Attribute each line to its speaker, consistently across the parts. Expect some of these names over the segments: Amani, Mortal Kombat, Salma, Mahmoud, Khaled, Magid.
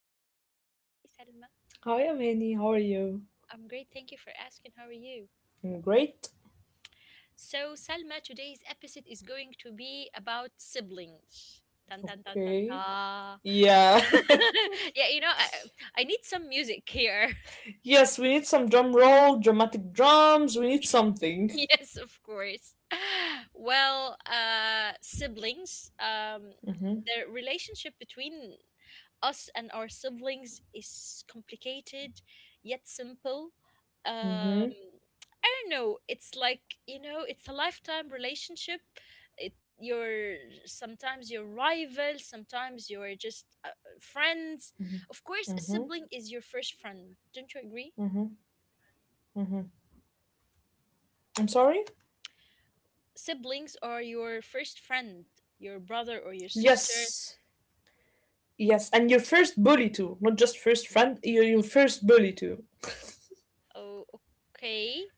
Speaker 1: my lovely Salma. Hi, Salma.
Speaker 2: Hi, Amani. How are you?
Speaker 1: I'm great. Thank you for asking. How are you?
Speaker 2: I'm great.
Speaker 1: So, Salma, today's episode is going to be about siblings. Tan tan tan tan
Speaker 2: Okay.
Speaker 1: ta.
Speaker 2: Yeah.
Speaker 1: Yeah, I need some music here.
Speaker 2: Yes, we need some drum roll, dramatic drums. We need something.
Speaker 1: Yes, of course. Well, siblings,
Speaker 2: Mhm.
Speaker 1: the relationship between us and our siblings is complicated yet simple. Um,
Speaker 2: Mhm.
Speaker 1: I don't know. It's like, it's a lifetime relationship. You're sometimes your rival, sometimes you're just friends. Of course, a
Speaker 2: Mhm.
Speaker 1: sibling is your first friend. Don't you agree?
Speaker 2: I'm sorry.
Speaker 1: Siblings are your first friend, your brother or your sister.
Speaker 2: Yes. Yes, and your first bully too, not just first friend. Your
Speaker 1: Yeah.
Speaker 2: your first bully too.
Speaker 1: Oh, okay.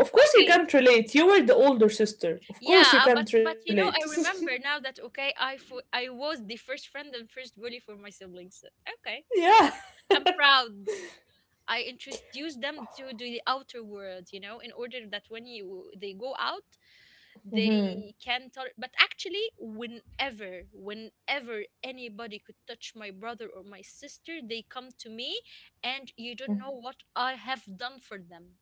Speaker 2: Of course you
Speaker 1: Okay.
Speaker 2: can't relate. You were the older sister. Of course
Speaker 1: Yeah,
Speaker 2: you
Speaker 1: but
Speaker 2: can't
Speaker 1: but
Speaker 2: relate.
Speaker 1: I remember now that okay, I was the first friend and first bully for my siblings. Okay.
Speaker 2: Yeah.
Speaker 1: I'm proud. I introduced them to the outer world, in order that when you they go out,
Speaker 2: Hmm.
Speaker 1: they can tolerate. But actually, whenever anybody could touch my brother or my sister, they come to me, and you don't know what I have done for them.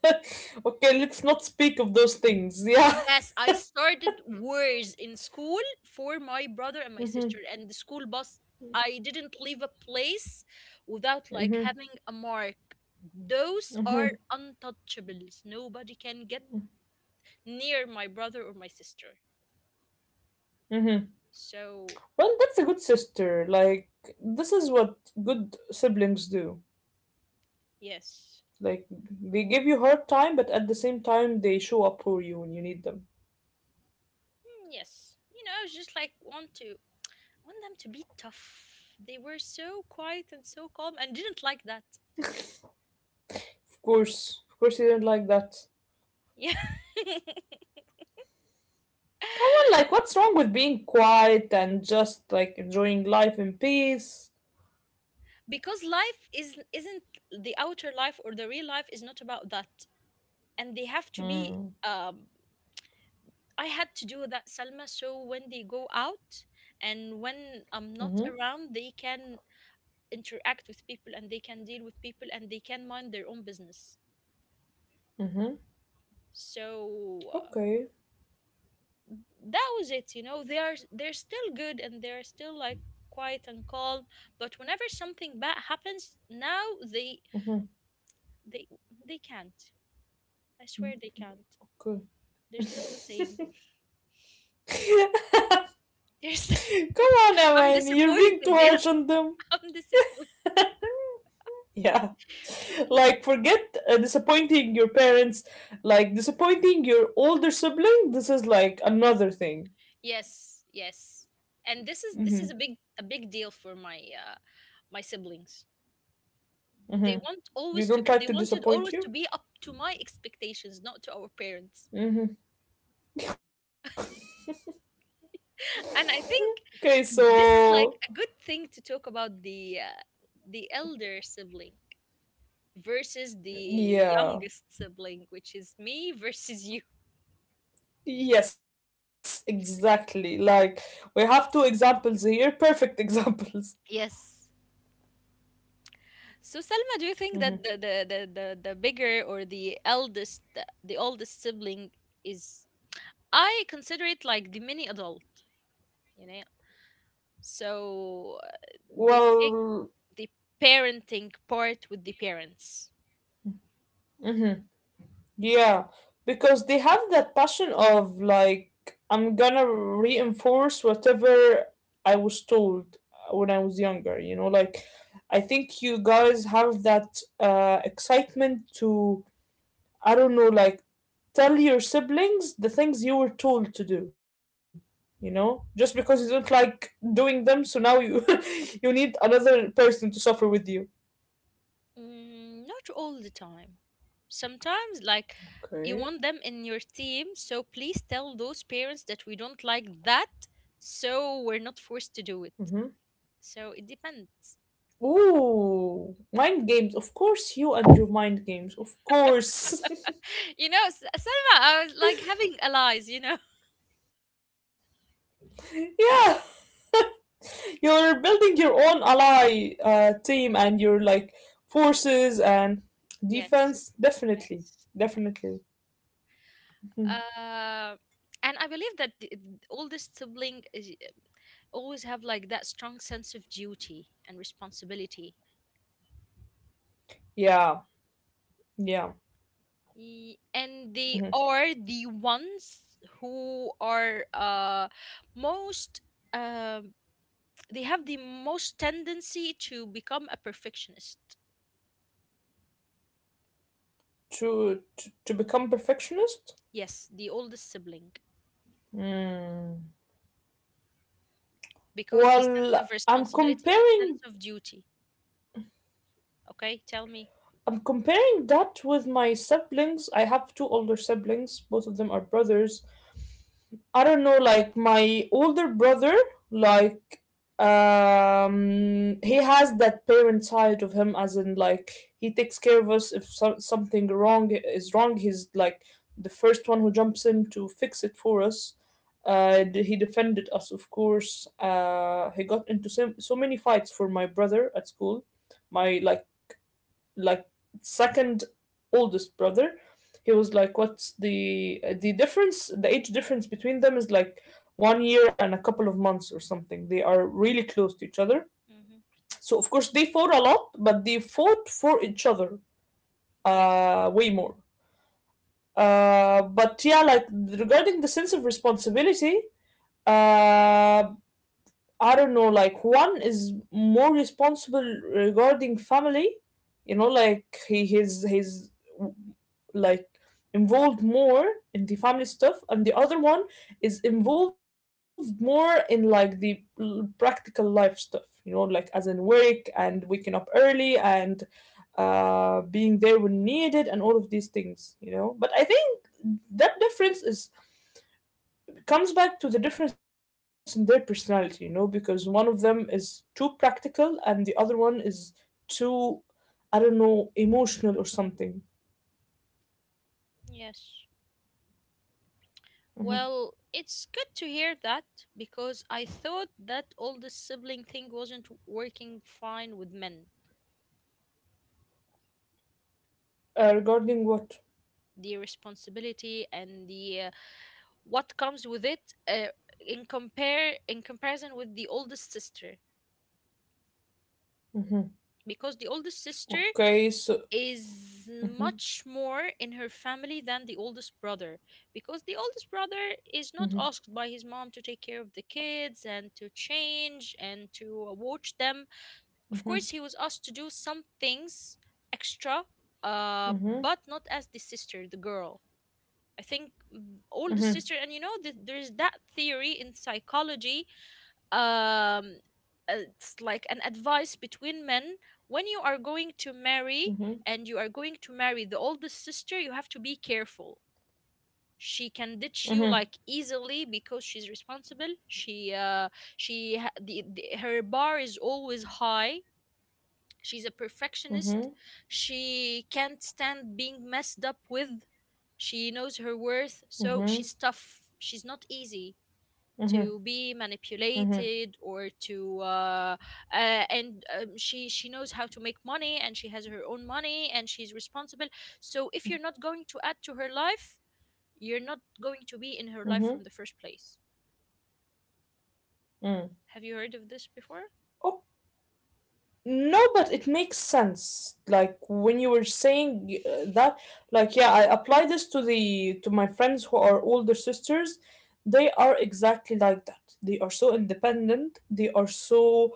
Speaker 2: Okay, let's not speak of those things. Yeah.
Speaker 1: Yes, I started wars in school for my brother and
Speaker 2: Hmm.
Speaker 1: my sister and the school bus. I didn't leave a place without like
Speaker 2: Hmm.
Speaker 1: having a mark. Those are untouchables. Nobody can get near my brother or my sister.
Speaker 2: Hmm.
Speaker 1: So
Speaker 2: Well, that's a good sister. Like, this is what good siblings do.
Speaker 1: yes.
Speaker 2: Like, they give you hard time, but at the same time, they show up for you when you need them.
Speaker 1: Hmm, yes, I was just like want them to be tough. They were so quiet and so calm, and didn't like that.
Speaker 2: Of course, you didn't like that.
Speaker 1: Yeah,
Speaker 2: Come on, like, what's wrong with being quiet and just like enjoying life in peace?
Speaker 1: because life is isn't the outer life or the real life is not about that, and they have to be.
Speaker 2: Mm.
Speaker 1: I had to do that, Salma. So when they go out and when
Speaker 2: Mm-hmm.
Speaker 1: I'm not around, they can interact with people and they can deal with people and they can mind their own business.
Speaker 2: Mm-hmm.
Speaker 1: So
Speaker 2: Okay.
Speaker 1: that was it. They're still good, and they're still like quiet and calm. But whenever something bad happens now, they
Speaker 2: Mm-hmm.
Speaker 1: they they can't. I swear they can't.
Speaker 2: Good.
Speaker 1: They're still the same. They're still
Speaker 2: Come on,
Speaker 1: I'm
Speaker 2: Amani, you're being too
Speaker 1: disappointed, you know.
Speaker 2: harsh on them.
Speaker 1: I'm disappointed.
Speaker 2: Yeah.
Speaker 1: I'm disappointed.
Speaker 2: Like, forget disappointing your parents. Like, disappointing your older sibling, this is like another thing.
Speaker 1: Yes, yes. And
Speaker 2: Hmm.
Speaker 1: this is a big deal for my siblings.
Speaker 2: You don't like
Speaker 1: They
Speaker 2: to
Speaker 1: wanted
Speaker 2: disappoint
Speaker 1: always to
Speaker 2: you.
Speaker 1: be up to my expectations, not to our parents. And I think.
Speaker 2: Okay,
Speaker 1: Mhm. This is
Speaker 2: so
Speaker 1: like a good thing to talk about the elder sibling versus the youngest
Speaker 2: yeah.
Speaker 1: sibling, which is me versus you.
Speaker 2: Yes, exactly, like we have two examples here, perfect examples.
Speaker 1: Yes. So Selma, do you think that the bigger or the eldest, the oldest sibling is? I consider it like the mini adult, you know. So they take
Speaker 2: Well,
Speaker 1: the parenting part with the parents.
Speaker 2: yeah, because they have that passion of like, I'm gonna reinforce whatever I was told when I was younger, like I think you guys have that excitement to, I don't know, like tell your siblings the things you were told to do, just because you don't like doing them, so now you you need another person to suffer with you.
Speaker 1: Mm, not all the time. Sometimes, like, you
Speaker 2: Okay.
Speaker 1: want them in your team, so please tell those parents that we don't like that, so we're not forced to do it. So it depends.
Speaker 2: Ooh, mind games. Of course, you and your mind games. Of course.
Speaker 1: Selma, I was like having allies, you know?
Speaker 2: Yeah, you're building your own ally team and your like forces and
Speaker 1: Yes,
Speaker 2: defense.
Speaker 1: yes,
Speaker 2: Definitely.
Speaker 1: yes.
Speaker 2: Definitely. Mhm.
Speaker 1: Uh, and I believe that the oldest sibling is, always have like that strong sense of duty and responsibility.
Speaker 2: Yeah, yeah.
Speaker 1: And they
Speaker 2: Mhm.
Speaker 1: are the ones who are most, um they have the most tendency to become a perfectionist.
Speaker 2: To become perfectionist?
Speaker 1: Yes, the oldest sibling,
Speaker 2: Mm.
Speaker 1: because the sense
Speaker 2: Well,
Speaker 1: of
Speaker 2: I'm
Speaker 1: responsibility and sense
Speaker 2: comparing
Speaker 1: of duty. Okay, tell me.
Speaker 2: I'm comparing that with my siblings. I have two older siblings. Both of them are brothers. I don't know, like my older brother, like he has that parent side of him as in like he takes care of us if something wrong is wrong, he's like the first one who jumps in to fix it for us. He defended us. Of course he got into so many fights for my brother at school. My like like second oldest brother, he was like, what's the difference, the age difference between them is like one year and a couple of months or something. They are really close to each other.
Speaker 1: Mm-hmm.
Speaker 2: So of course they fought a lot, but they fought for each other
Speaker 1: Yes,
Speaker 2: way more. But yeah, like regarding the sense of responsibility, uh I don't know, like one is more responsible regarding family, you know, like he his like involved more in the family stuff and the other one is involved more in like the practical life stuff, you know, like as in work and waking up early and being there when needed and all of these things, you know. But I think that difference is comes back to the difference in their personality, you know, because one of them is too practical and the other one is too I don't know emotional or something.
Speaker 1: yes. Well, it's good to hear that because I thought that oldest sibling thing wasn't working fine with men.
Speaker 2: Regarding what?
Speaker 1: The responsibility and the what comes with it, in compare in comparison with the oldest sister, because the oldest sister
Speaker 2: Okay, so.
Speaker 1: is much more in her family than the oldest brother, because the oldest brother is not asked by his mom to take care of the kids and to change and to watch them. Of course, he was asked to do some things extra, but
Speaker 2: Mhm,
Speaker 1: not as the sister, the girl. I think, oldest sister. And you know that there's that theory in psychology. um uh, it's like an advice between men. When you are going to marry,
Speaker 2: mhm,
Speaker 1: and you are going to marry the oldest sister, you have to be careful. She can ditch you
Speaker 2: mhm,
Speaker 1: like easily because she's responsible, she ha- the her bar is always high. She's a perfectionist.
Speaker 2: mhm,
Speaker 1: She can't stand being messed up with. She knows her worth, so she's
Speaker 2: mhm,
Speaker 1: tough. She's not easy to be
Speaker 2: mhm,
Speaker 1: manipulated or to and she knows how to make money, and she has her own money, and she's responsible. So if you're not going to add to her life, you're not going to be in her life
Speaker 2: mhm,
Speaker 1: from the first place.
Speaker 2: mm.
Speaker 1: Have you heard of this before?
Speaker 2: Oh, no, but it makes sense. Like when you were saying that, like yeah, I apply this to the to my friends who are older sisters. They are exactly like that. They are so independent. They are so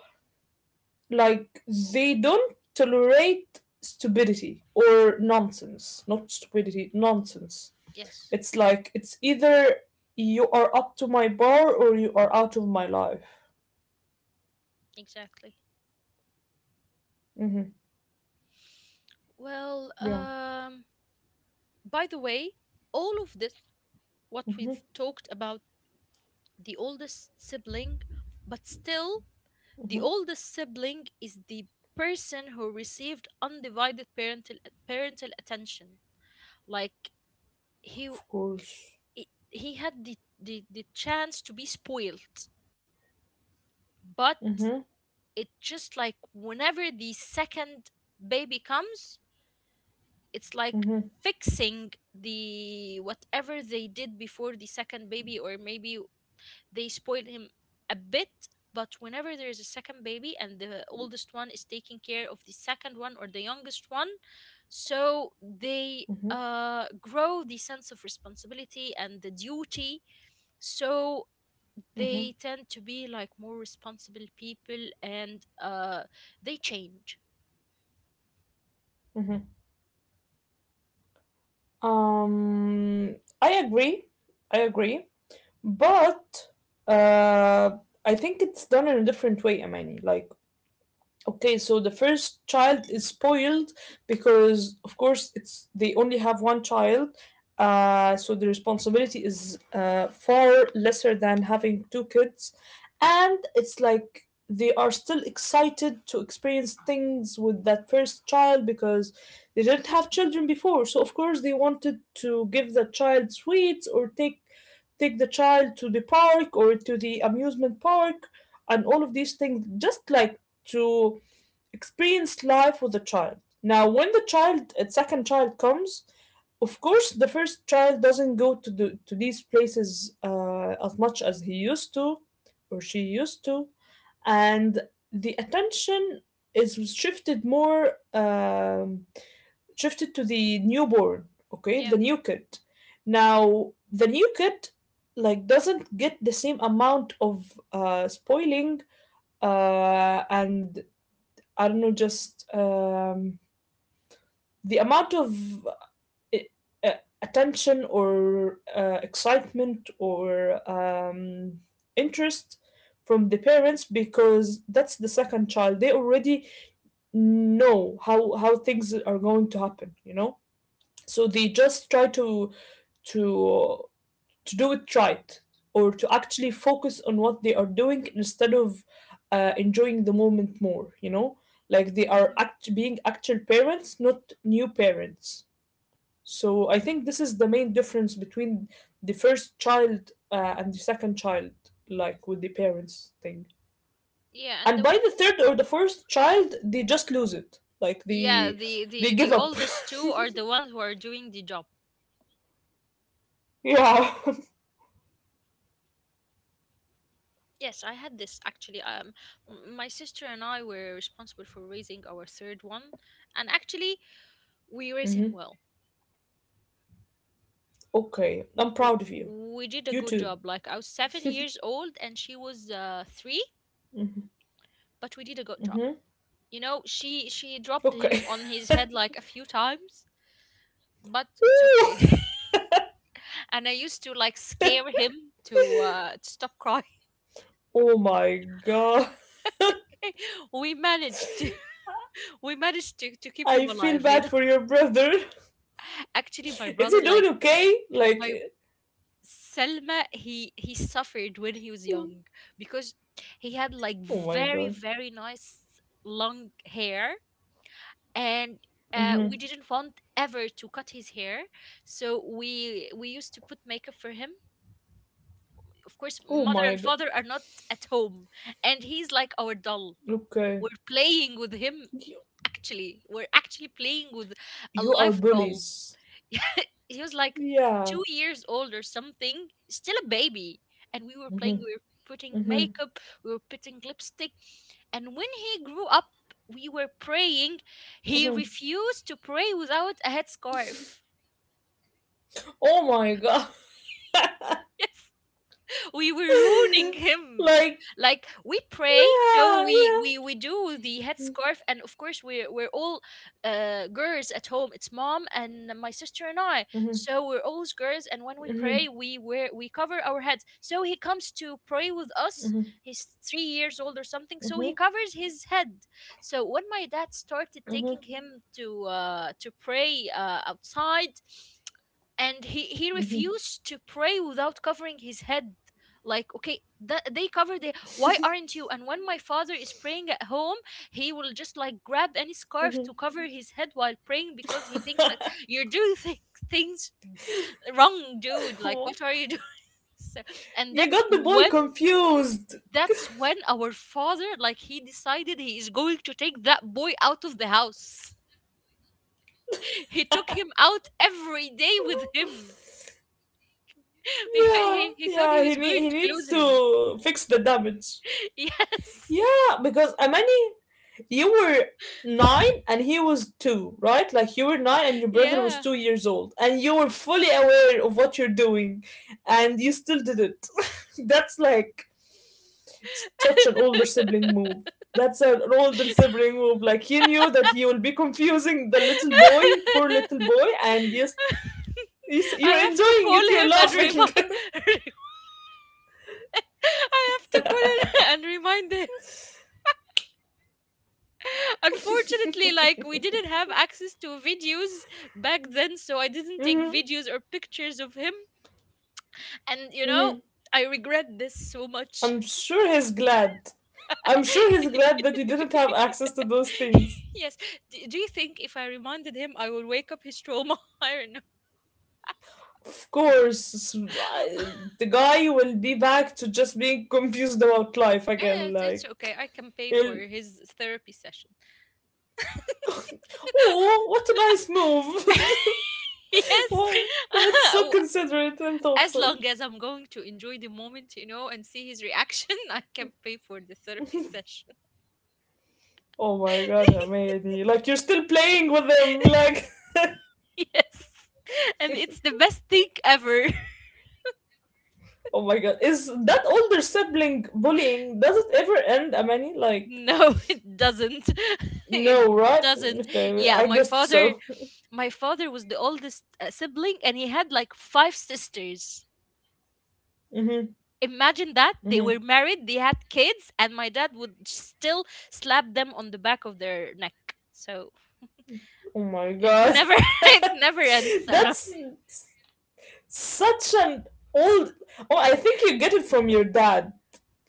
Speaker 2: like they don't tolerate stupidity or nonsense. Not stupidity, nonsense.
Speaker 1: Yes,
Speaker 2: It's like it's either you are up to my bar or you are out of my life.
Speaker 1: exactly.
Speaker 2: Hmm.
Speaker 1: Well,
Speaker 2: Yeah,
Speaker 1: by the way, all of this what we've talked about the oldest sibling, but still, the oldest sibling is the person who received undivided parental attention. Like he
Speaker 2: of course.
Speaker 1: he had the chance to be spoiled, but
Speaker 2: Hmm.
Speaker 1: it just like whenever the second baby comes, it's like
Speaker 2: Hmm.
Speaker 1: fixing the whatever they did before the second baby, or maybe they spoil him a bit, but whenever there is a second baby and the oldest one is taking care of the second one or the youngest one, so they
Speaker 2: Hmm.
Speaker 1: grow the sense of responsibility and the duty. So they
Speaker 2: Hmm.
Speaker 1: tend to be like more responsible people, and they change.
Speaker 2: Hmm. Um, I agree. I agree. But uh, I think it's done in a different way, I mean, like okay, so the first child is spoiled because, of course, it's they only have one child, so the responsibility is far lesser than having two kids, and it's like they are still excited to experience things with that first child because they didn't have children before. So of course they wanted to give the child sweets or take the child to the park or to the amusement park and all of these things just like to experienced life with a child. Now, when the child, a second child comes, of course, the first child doesn't go to to these places as much as he used to or she used to, and the attention is shifted to the newborn. Okay, the
Speaker 1: Yeah.
Speaker 2: new kid. Now, the new kid like doesn't get the same amount of spoiling and I don't know, just the amount of uh, uh, attention or excitement or interest from the parents because that's the second child. They already know how things are going to happen, you know. So they just try to to do it right or to actually focus on what they are doing instead of enjoying the moment more, you know, like they are
Speaker 1: Hmm.
Speaker 2: being actual parents, not new parents. So I think this is the main difference between the first child and the second child, like with the parents thing.
Speaker 1: Yeah, and
Speaker 2: And
Speaker 1: the
Speaker 2: by the third or the fourth child they just lose it, like
Speaker 1: yeah,
Speaker 2: they
Speaker 1: the
Speaker 2: they
Speaker 1: the the
Speaker 2: give up.
Speaker 1: oldest two are the ones who are doing the job.
Speaker 2: Yeah.
Speaker 1: Yes, I had this actually. My sister and I were responsible for raising our third one, and actually, we raised him
Speaker 2: Hmm.
Speaker 1: well.
Speaker 2: Okay, I'm
Speaker 1: We
Speaker 2: proud of you.
Speaker 1: we did a
Speaker 2: You
Speaker 1: good
Speaker 2: too.
Speaker 1: job. Like I was 7 years old, and she was 3, but we did a good job.
Speaker 2: Hmm.
Speaker 1: She dropped him
Speaker 2: Okay.
Speaker 1: on his head like a few times, but it's
Speaker 2: Ooh.
Speaker 1: okay. And I used to like scare him to stop crying.
Speaker 2: Oh my god.
Speaker 1: We managed to we managed to keep
Speaker 2: I
Speaker 1: him
Speaker 2: feel
Speaker 1: alive. You
Speaker 2: bad
Speaker 1: know.
Speaker 2: for your brother.
Speaker 1: Actually, my
Speaker 2: Is he
Speaker 1: brother, like,
Speaker 2: doing okay? Like,
Speaker 1: my Selma, he suffered when he was young, because he had like
Speaker 2: oh my
Speaker 1: very
Speaker 2: god.
Speaker 1: very nice long hair, and
Speaker 2: Hmm.
Speaker 1: we didn't want ever to cut his hair. So we used to put makeup for him. Of course,
Speaker 2: Oh
Speaker 1: mother
Speaker 2: my
Speaker 1: and
Speaker 2: god.
Speaker 1: father are not at home, and he's like our doll.
Speaker 2: Okay.
Speaker 1: We're playing with him.
Speaker 2: You,
Speaker 1: Actually, we're actually playing with a
Speaker 2: you are
Speaker 1: live doll.
Speaker 2: bullies.
Speaker 1: He was like
Speaker 2: Yeah.
Speaker 1: 2 years old or something, still a baby. And we were playing, we were putting
Speaker 2: Hmm.
Speaker 1: makeup, we were putting lipstick. And when he grew up, we were praying. He
Speaker 2: Hmm.
Speaker 1: refused to pray without a headscarf.
Speaker 2: Oh my god.
Speaker 1: Yes. We were ruining him.
Speaker 2: Like,
Speaker 1: Like we pray, so
Speaker 2: yeah,
Speaker 1: we
Speaker 2: yeah.
Speaker 1: we we do the headscarf, and of course we're all girls at home. It's mom and my sister and I,
Speaker 2: Hmm.
Speaker 1: so we're all girls. And when we pray,
Speaker 2: Hmm.
Speaker 1: we cover our heads. So he comes to pray with us.
Speaker 2: Hmm.
Speaker 1: He's 3 years old or something, so
Speaker 2: Hmm.
Speaker 1: he covers his head. So when my dad started
Speaker 2: Hmm.
Speaker 1: taking him to pray outside, and he refused to pray without covering his head. Like, okay, that they cover the, why aren't you? And when my father is praying at home, he will just like grab any scarf to cover his head while praying, because he thinks that you're doing things wrong, dude. Like,
Speaker 2: Hmm.
Speaker 1: what are you doing? So, and
Speaker 2: You
Speaker 1: that's
Speaker 2: got the boy
Speaker 1: when
Speaker 2: confused.
Speaker 1: that's when our father, like he decided he is going to take that boy out of the house. He took him out every day with him. Because
Speaker 2: Yeah,
Speaker 1: he thought he
Speaker 2: yeah.
Speaker 1: was going
Speaker 2: He
Speaker 1: to
Speaker 2: needs
Speaker 1: lose him.
Speaker 2: to fix the damage.
Speaker 1: Yes,
Speaker 2: Yeah, because Amani, you were 9 and he was 2, right? Like you were 9 and your brother was
Speaker 1: yeah.
Speaker 2: 2 years old, and you were fully aware of what you're doing, and you still did it. That's like such an older sibling move. That's an older sibling move. Like he knew that he will be confusing the little boy, poor little boy, and yes, yes you're
Speaker 1: I have to
Speaker 2: enjoying
Speaker 1: call
Speaker 2: it. You're
Speaker 1: him and
Speaker 2: laughing.
Speaker 1: remind. I have to call him and remind him. Unfortunately, like we didn't have access to videos back then, so I didn't take videos or pictures of him. And
Speaker 2: Hmm.
Speaker 1: I regret this so much.
Speaker 2: I'm sure he's glad. I'm sure he's glad that you didn't have access to those things.
Speaker 1: Yes. Do you think if I reminded him, I will wake up his trauma? I don't know.
Speaker 2: Of course, the guy will be back to just being confused about life
Speaker 1: Yeah,
Speaker 2: again.
Speaker 1: it's okay.
Speaker 2: Like,
Speaker 1: I can pay for
Speaker 2: he'll.
Speaker 1: his therapy session.
Speaker 2: Oh, what a nice move!
Speaker 1: Yes.
Speaker 2: What? That's so considerate and
Speaker 1: As
Speaker 2: thoughtful.
Speaker 1: long as I'm going to enjoy the moment, and see his reaction. I can pay for the therapy session.
Speaker 2: Oh my god, Hamedi. Like, you're still playing with them. Like,
Speaker 1: Yes, and it's the best thing ever.
Speaker 2: oh my god. Is that older sibling bullying? Does it ever end, Amani? Like,
Speaker 1: No, it doesn't. It
Speaker 2: no, right?
Speaker 1: doesn't.
Speaker 2: Okay,
Speaker 1: Yeah,
Speaker 2: I
Speaker 1: my
Speaker 2: guess
Speaker 1: father,
Speaker 2: so.
Speaker 1: was the oldest sibling, and he had like five sisters.
Speaker 2: Mm-hmm,
Speaker 1: Imagine that they were
Speaker 2: mm-hmm.
Speaker 1: married, they had kids, and my dad would still slap them on the back of their neck. So
Speaker 2: Oh my
Speaker 1: it
Speaker 2: god.
Speaker 1: never it never ends, Salma.
Speaker 2: That's s- such an old. Oh, I think you get it from your dad.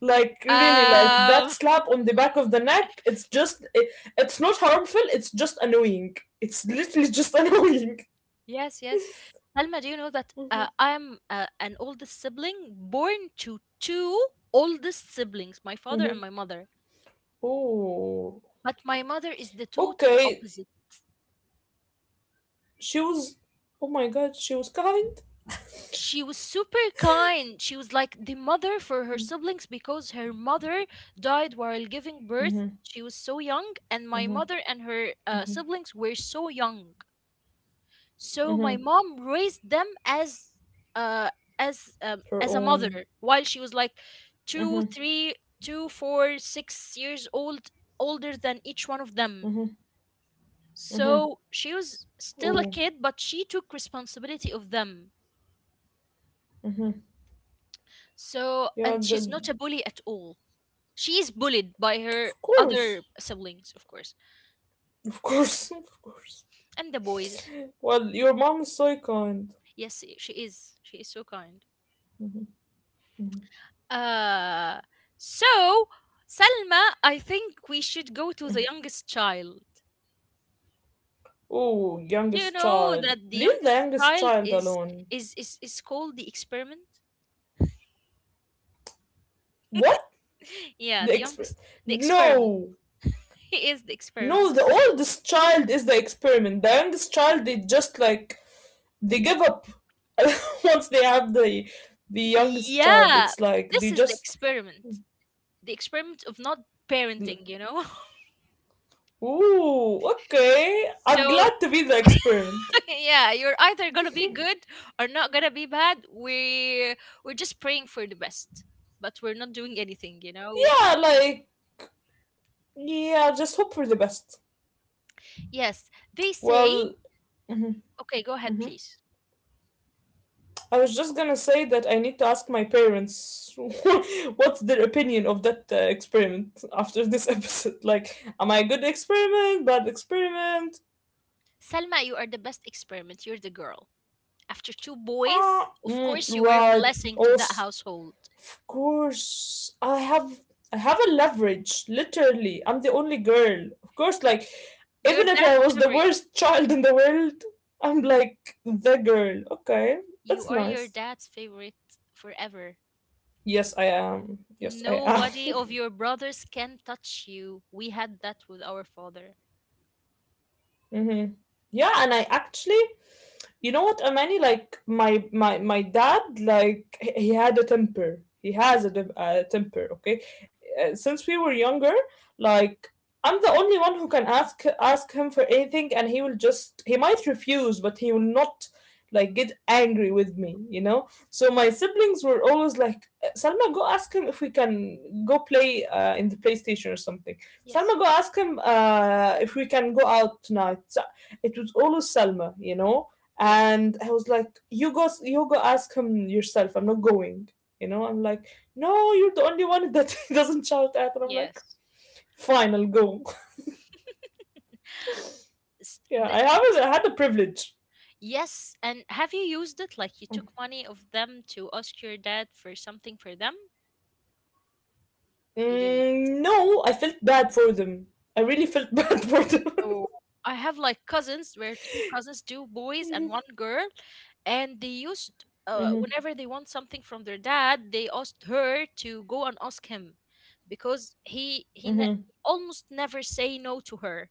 Speaker 2: Like, really, like that
Speaker 1: Um,
Speaker 2: slap on the back of the neck, it's just, it's not harmful, it's just annoying. It's literally just annoying.
Speaker 1: yes, yes. Salma, do you know that
Speaker 2: Mm-hmm,
Speaker 1: I am an oldest sibling born to two oldest siblings, my father
Speaker 2: mm-hmm.
Speaker 1: and my mother.
Speaker 2: Oh,
Speaker 1: But my mother is the total
Speaker 2: okay.
Speaker 1: opposite.
Speaker 2: She was, oh my god, she was kind.
Speaker 1: She was super kind. She was like the mother for her siblings because her mother died while giving birth.
Speaker 2: Mm-hmm,
Speaker 1: She was so young, and my
Speaker 2: mm-hmm,
Speaker 1: mother and her siblings were so young. So my
Speaker 2: mm-hmm.
Speaker 1: mom raised them uh as um,
Speaker 2: Her
Speaker 1: as a
Speaker 2: own.
Speaker 1: mother while she was like two,
Speaker 2: Mm-hmm,
Speaker 1: three, two, four, 6 years old older than each one of them.
Speaker 2: mm-hmm, mm-hmm.
Speaker 1: So she was still a
Speaker 2: Oh,
Speaker 1: kid, but she took responsibility of them.
Speaker 2: mm-hmm.
Speaker 1: So,
Speaker 2: Yeah,
Speaker 1: and she's not a bully at all. She is bullied by her
Speaker 2: of
Speaker 1: other
Speaker 2: course.
Speaker 1: siblings, of course,
Speaker 2: Of course. Of course.
Speaker 1: and the boys.
Speaker 2: Well, your mom is so kind.
Speaker 1: Yes, she is. She is so kind. Uh, so Salma, I think we should go to the youngest child.
Speaker 2: Oh,
Speaker 1: Do you
Speaker 2: youngest
Speaker 1: know
Speaker 2: child.
Speaker 1: that the
Speaker 2: Leave the
Speaker 1: youngest
Speaker 2: youngest
Speaker 1: child
Speaker 2: child
Speaker 1: is
Speaker 2: alone.
Speaker 1: is is, is called the experiment?
Speaker 2: What?
Speaker 1: yeah,
Speaker 2: The exper
Speaker 1: the experiment.
Speaker 2: No.
Speaker 1: He is the
Speaker 2: No,
Speaker 1: experiment.
Speaker 2: the oldest child is the experiment. The youngest child they just like they give up. Once they have the youngest child.
Speaker 1: Yeah,
Speaker 2: It's like
Speaker 1: this
Speaker 2: they
Speaker 1: is the
Speaker 2: just.
Speaker 1: experiment. The experiment of not parenting, you know?
Speaker 2: Ooh, okay. I'm
Speaker 1: So
Speaker 2: glad to be the experiment.
Speaker 1: yeah, you're either gonna be good or not gonna be bad. We're just praying for the best. But we're not doing anything, you know?
Speaker 2: Yeah, like yeah, just hope for the best.
Speaker 1: Yes, they say,
Speaker 2: Well,
Speaker 1: okay, go ahead,
Speaker 2: mhm.
Speaker 1: please.
Speaker 2: I was just gonna say that I need to ask my parents what's their opinion of that experiment after this episode. Like, am I a good experiment? Bad experiment?
Speaker 1: Salma, you are the best experiment. You're the girl. After two boys,
Speaker 2: Ah,
Speaker 1: of
Speaker 2: mm,
Speaker 1: course, you were a
Speaker 2: right.
Speaker 1: blessing to that
Speaker 2: Also,
Speaker 1: household.
Speaker 2: of course, I have a leverage. Literally, I'm
Speaker 1: Of
Speaker 2: the only
Speaker 1: course.
Speaker 2: girl. Of course, like
Speaker 1: Your
Speaker 2: even if
Speaker 1: dad's
Speaker 2: I was the
Speaker 1: favorite.
Speaker 2: worst child in the world, I'm like the girl. Okay, that's
Speaker 1: You are your
Speaker 2: nice.
Speaker 1: dad's favorite forever.
Speaker 2: Yes, I am. Yes, I am.
Speaker 1: Nobody of your brothers can touch you. We had that with our father.
Speaker 2: hmm. Yeah, and I actually, you know what Amani, like my dad, like he had a temper. He has a a temper. Okay. Since we were younger, like I'm the only one who can ask him for anything, and he will just, he might refuse, but he will not, like, get angry with me, you know. So my siblings were always like, salma, go ask him if we can go play in the PlayStation or something.
Speaker 1: Yes,
Speaker 2: Salma, go ask him if we can go out tonight. It was always Salma," you know.
Speaker 1: yes,
Speaker 2: And I was like, "You go, ask him yourself. I'm not going, you know. I'm like, no, you're the only one that he doesn't shout at." And I'm like,
Speaker 1: yes.
Speaker 2: "Fine, I'll go." Yeah, I
Speaker 1: This
Speaker 2: haven't
Speaker 1: is.
Speaker 2: I had the privilege.
Speaker 1: Yes, and have you used it, like you took money of them to ask your dad for something for them? You didn't?
Speaker 2: Mm, no, I felt bad for them. I really felt bad for them.
Speaker 1: Oh, I have like cousins where two cousins, two boys and
Speaker 2: Mm-hmm,
Speaker 1: one girl, and they used whenever they want something from their dad, they asked her to go and ask him because he ne
Speaker 2: mm-hmm,
Speaker 1: almost never say no to her.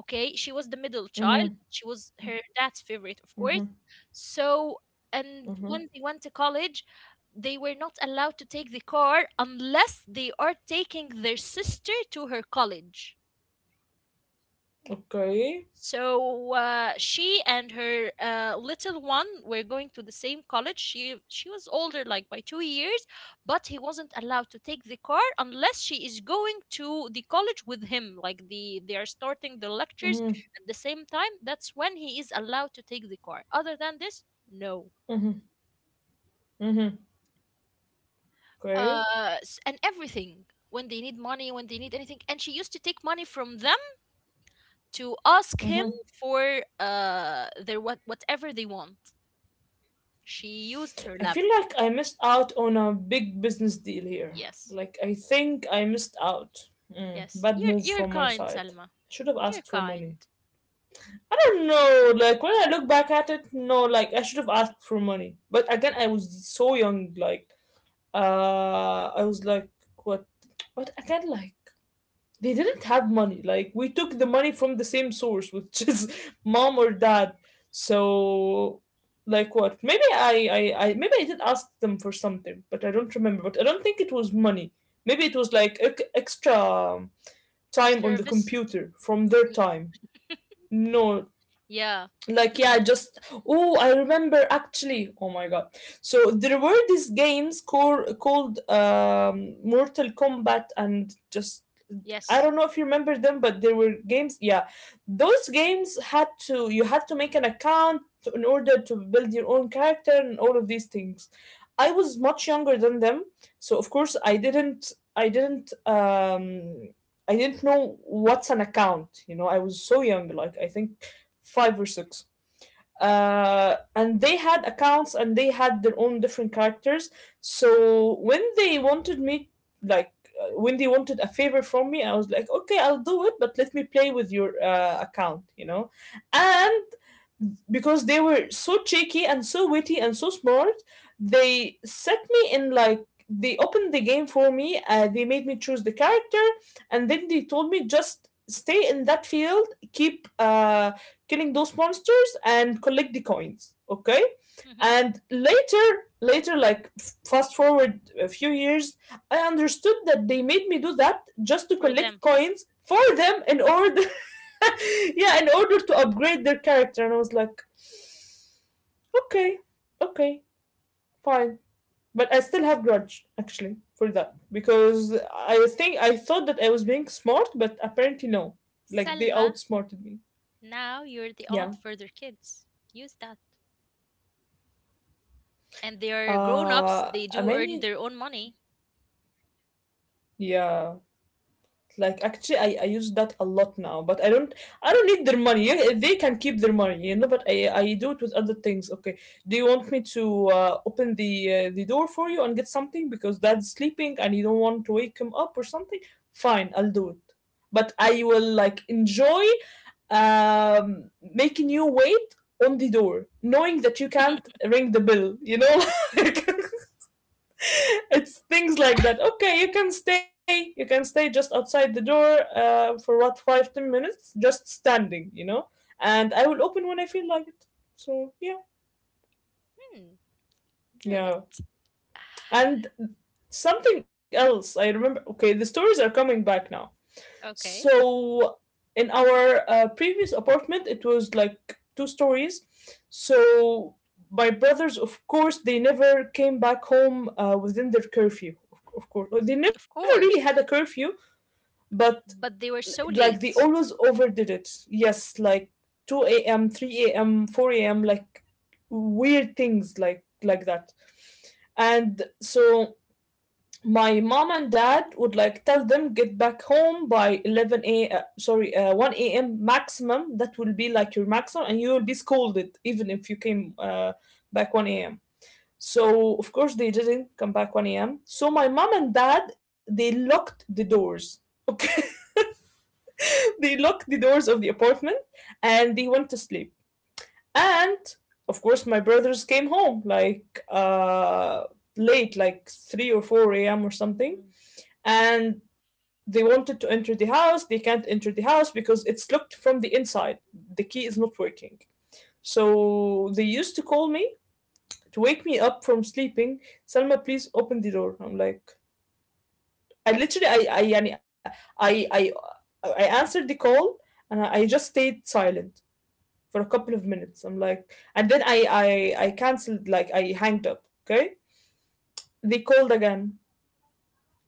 Speaker 1: Okay, she was the middle child.
Speaker 2: mm-hmm,
Speaker 1: She was her dad's favorite, of course.
Speaker 2: mm-hmm,
Speaker 1: So, and
Speaker 2: mm-hmm.
Speaker 1: when they went to college, they were not allowed to take the car unless they are taking their sister to her college.
Speaker 2: Okay.
Speaker 1: So she and her little one were going to the same college. She was older, like by 2 years, but he wasn't allowed to take the car unless she is going to the college with him. Like they are starting the lectures
Speaker 2: Mm-hmm,
Speaker 1: at the same time. That's when he is allowed to take the car. Other than this, no.
Speaker 2: mm-hmm, mm-hmm. Okay.
Speaker 1: And everything, when they need money, when they need anything, and she used to take money from them to ask him
Speaker 2: Mm-hmm.
Speaker 1: for their what whatever they want. She used her
Speaker 2: I feel
Speaker 1: leverage.
Speaker 2: like I missed out on a big business deal here.
Speaker 1: Yes.
Speaker 2: Like, I think I missed out.
Speaker 1: Yes.
Speaker 2: Bad
Speaker 1: You're
Speaker 2: move
Speaker 1: you're
Speaker 2: from my
Speaker 1: kind,
Speaker 2: side.
Speaker 1: Selma.
Speaker 2: Should have
Speaker 1: You're
Speaker 2: asked for
Speaker 1: kind.
Speaker 2: money. I don't know. Like, when I look back at it, no, like, I should have asked for money. But again, I was so young. Like, I was like, what? What? I can't, like, they didn't
Speaker 1: Yeah.
Speaker 2: have money. Like we took the money from the same source, which is mom or dad. So like what? Maybe I did ask them for something, but I don't remember. But I don't think it was money. Maybe it was like extra time on the
Speaker 1: Service.
Speaker 2: computer from
Speaker 1: Mm,
Speaker 2: their
Speaker 1: y-
Speaker 2: time. No,
Speaker 1: Yeah.
Speaker 2: like yeah, just, oh, I remember actually. Oh my god! So there were these games called Mortal Kombat and just, I
Speaker 1: Yes.
Speaker 2: don't know if you remember them, but there were games. Yeah, those games had to you had to make an account in order to build your own character and all of these things. I was much younger than them, so of course I didn't. I didn't. I didn't know what's an account. You know, I was so young, like I think five or six, and they had accounts and they had their own different characters. So when they wanted me, like when they wanted a favor from me, I was like, okay, I'll do it, but let me play with your account, you know. And because they were so cheeky and so witty and so smart, they set me in, like, they opened the game for me, they made me choose the character, and then they told me, just stay in that field, keep killing those monsters and collect the coins. Okay.
Speaker 1: Hmm.
Speaker 2: And later, fast forward a few years, I understood that they made me do that just to
Speaker 1: For them.
Speaker 2: collect coins for them in order, yeah, in order to upgrade their character. And I was like, okay, okay, fine. But I still have grudge actually for that, because I think I thought that I was being smart, but apparently no. Like they
Speaker 1: Selma,
Speaker 2: outsmarted me.
Speaker 1: now you're the aunt
Speaker 2: Yeah.
Speaker 1: for their kids. Use that. And they are grown-ups. They
Speaker 2: I
Speaker 1: do earn
Speaker 2: mean,
Speaker 1: their own money.
Speaker 2: yeah. Like actually, I use that a lot now, but I don't need their money. They can keep their money, you know. But I do it with other things. Okay, do you want me to open the door for you and get something because dad's sleeping and you don't want to wake him up or something? Fine, I'll do it. But I will like enjoy making you wait on the door, knowing that you can't ring the bell. You know, like it's things like that. Okay, you can stay, just outside the door, for what, 5-10 minutes, just standing, you know. And I will open when I feel like it. So yeah.
Speaker 1: Hmm. Good.
Speaker 2: Yeah. And something else I remember. Okay, the stories are coming back now.
Speaker 1: Okay.
Speaker 2: So in our previous apartment, it was like two stories. So my brothers, of course, they never came back home within their curfew. Of course, they never
Speaker 1: Of
Speaker 2: really had a
Speaker 1: course.
Speaker 2: curfew, but
Speaker 1: But they were so
Speaker 2: like they
Speaker 1: late.
Speaker 2: always overdid it, yes, like 2 a.m, 3 a.m, 4 a.m, like weird things, like that. And so my mom and dad would like tell them, get back home by 11 a uh, sorry uh, 1 a.m maximum. That will be like your maximum, and you will be scolded even if you came back 1 a.m. So of course they didn't come back 1 a.m. So my mom and dad, they locked the doors. Okay, they locked the doors of the apartment, and they went to sleep. And of course, my brothers came home like, late, like 3 or 4 a.m. or something.
Speaker 1: Mhm.
Speaker 2: And they wanted to enter the house. They can't enter the house because it's locked from the inside. The key is not working. So they used to call me to wake me up from sleeping. Salma, please open the door. I'm like, I literally, يعني I, I, I answered the call and I just stayed silent for a couple of minutes. I'm like, and then I canceled. Like I hanged up. Okay, they called again.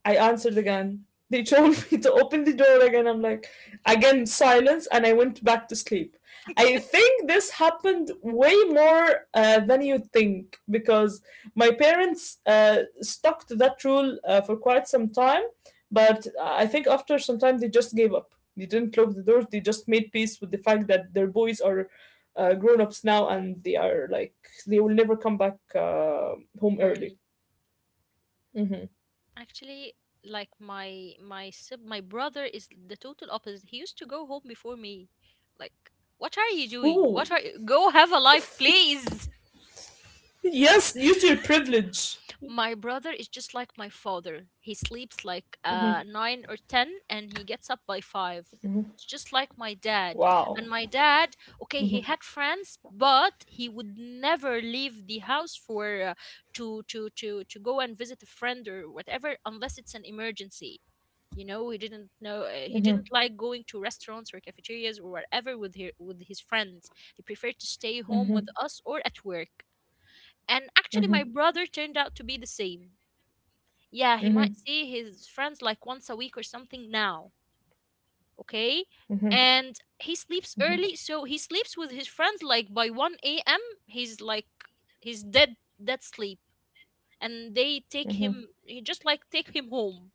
Speaker 2: I answered again. They told me to open the door again. I'm like, again, silence, and I went back to sleep. I think this happened way more than you think, because my parents stuck to that rule for quite some time. But I think after some time, they just gave up. They didn't lock the doors, they just made peace with the fact that their boys are, grown ups now, and they are like, they will never come back home early.
Speaker 1: Early.
Speaker 2: Mm-hmm.
Speaker 1: Actually, like my brother is the total opposite. He used to go home before me. Like, what are you doing?
Speaker 2: Ooh.
Speaker 1: Go have a life, please?
Speaker 2: Yes, use your privilege.
Speaker 1: My brother is just like my father. He sleeps like 9 or 10 and he gets up by 5. It's just like my dad.
Speaker 2: Wow.
Speaker 1: And my dad, okay, he had friends, but he would never leave the house for to go and visit a friend or whatever unless it's an emergency. You know, he didn't like going to restaurants or cafeterias or whatever with his friends. He preferred to stay home with us or at work. And actually, my
Speaker 2: Mm-hmm.
Speaker 1: brother turned out to be the same. Yeah, he
Speaker 2: Mm-hmm.
Speaker 1: might see his friends like once a week or something now. Okay. And he sleeps early. So he sleeps with his friends like by 1 a.m. He's like, he's dead, dead sleep. And they take him, he just like take him home.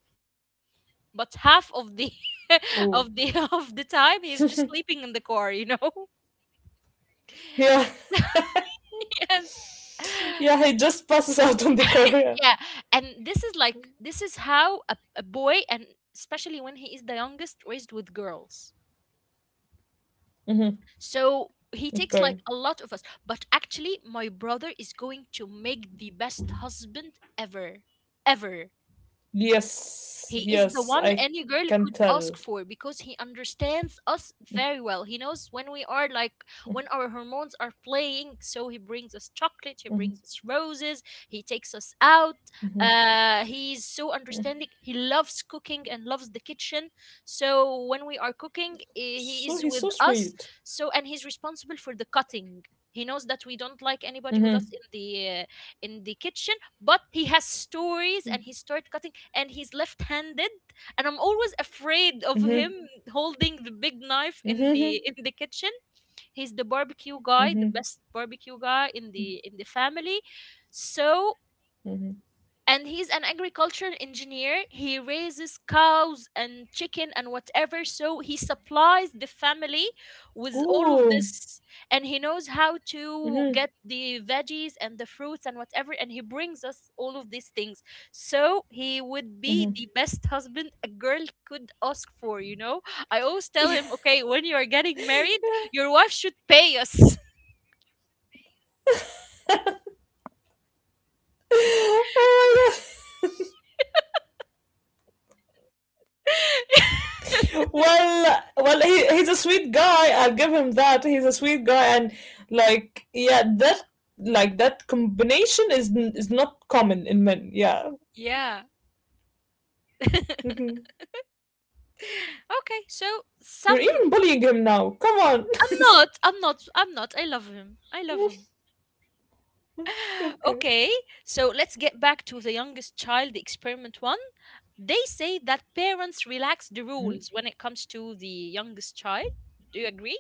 Speaker 1: But half of the
Speaker 2: Oh.
Speaker 1: of the of the time he's just sleeping in the car, you know?
Speaker 2: Yeah.
Speaker 1: yes.
Speaker 2: Yeah, he just passes out on the car.
Speaker 1: yeah, and this is how a boy, and especially when he is the youngest raised with girls,
Speaker 2: Mm-hmm.
Speaker 1: so he
Speaker 2: Okay.
Speaker 1: takes like a lot of us, but actually my brother is going to make the best husband ever ever.
Speaker 2: Yes.
Speaker 1: He is the
Speaker 2: Yes, I
Speaker 1: one
Speaker 2: can
Speaker 1: any girl
Speaker 2: tell.
Speaker 1: could ask for because he understands us very well. He knows when our hormones are playing. So he brings us chocolate, he brings us roses, he takes us out. He's so understanding. He loves cooking and loves the kitchen. So when we are cooking,
Speaker 2: So
Speaker 1: he
Speaker 2: he's so
Speaker 1: is with
Speaker 2: sweet.
Speaker 1: us. So, and he's responsible for the cutting. He knows that we don't like anybody with
Speaker 2: Mm-hmm.
Speaker 1: us in the kitchen, but he has stories and he started cutting, and he's left-handed, and I'm always afraid of
Speaker 2: Mm-hmm.
Speaker 1: him holding the big knife in
Speaker 2: Mm-hmm.
Speaker 1: the in the kitchen. He's the barbecue guy,
Speaker 2: Mm-hmm.
Speaker 1: the best barbecue guy in the family. So,
Speaker 2: Mm-hmm.
Speaker 1: and he's an agricultural engineer. He raises cows and chicken and whatever, so he supplies the family with
Speaker 2: Oh.
Speaker 1: all of this. And he knows how to
Speaker 2: Mm-hmm.
Speaker 1: get the veggies and the fruits and whatever, and he brings us all of these things. So he would be the
Speaker 2: Mm-hmm.
Speaker 1: best husband a girl could ask for, you know?
Speaker 2: Yeah.
Speaker 1: I always tell him, okay, when you are getting married, your wife should pay us.
Speaker 2: Oh my god. Well, he's a sweet guy, I'll give him that. He's a sweet guy, and like yeah, that like that combination is is not common in men. Yeah.
Speaker 1: yeah
Speaker 2: Mhm.
Speaker 1: okay, so
Speaker 2: You're even
Speaker 1: some
Speaker 2: bullying him now, come on.
Speaker 1: I'm not. I'm not. I'm not. I love him. I love him.
Speaker 2: Okay.
Speaker 1: Okay, so let's get back to the youngest child, the experiment one. They say that parents relax the rules when it comes to the youngest child. Do you agree?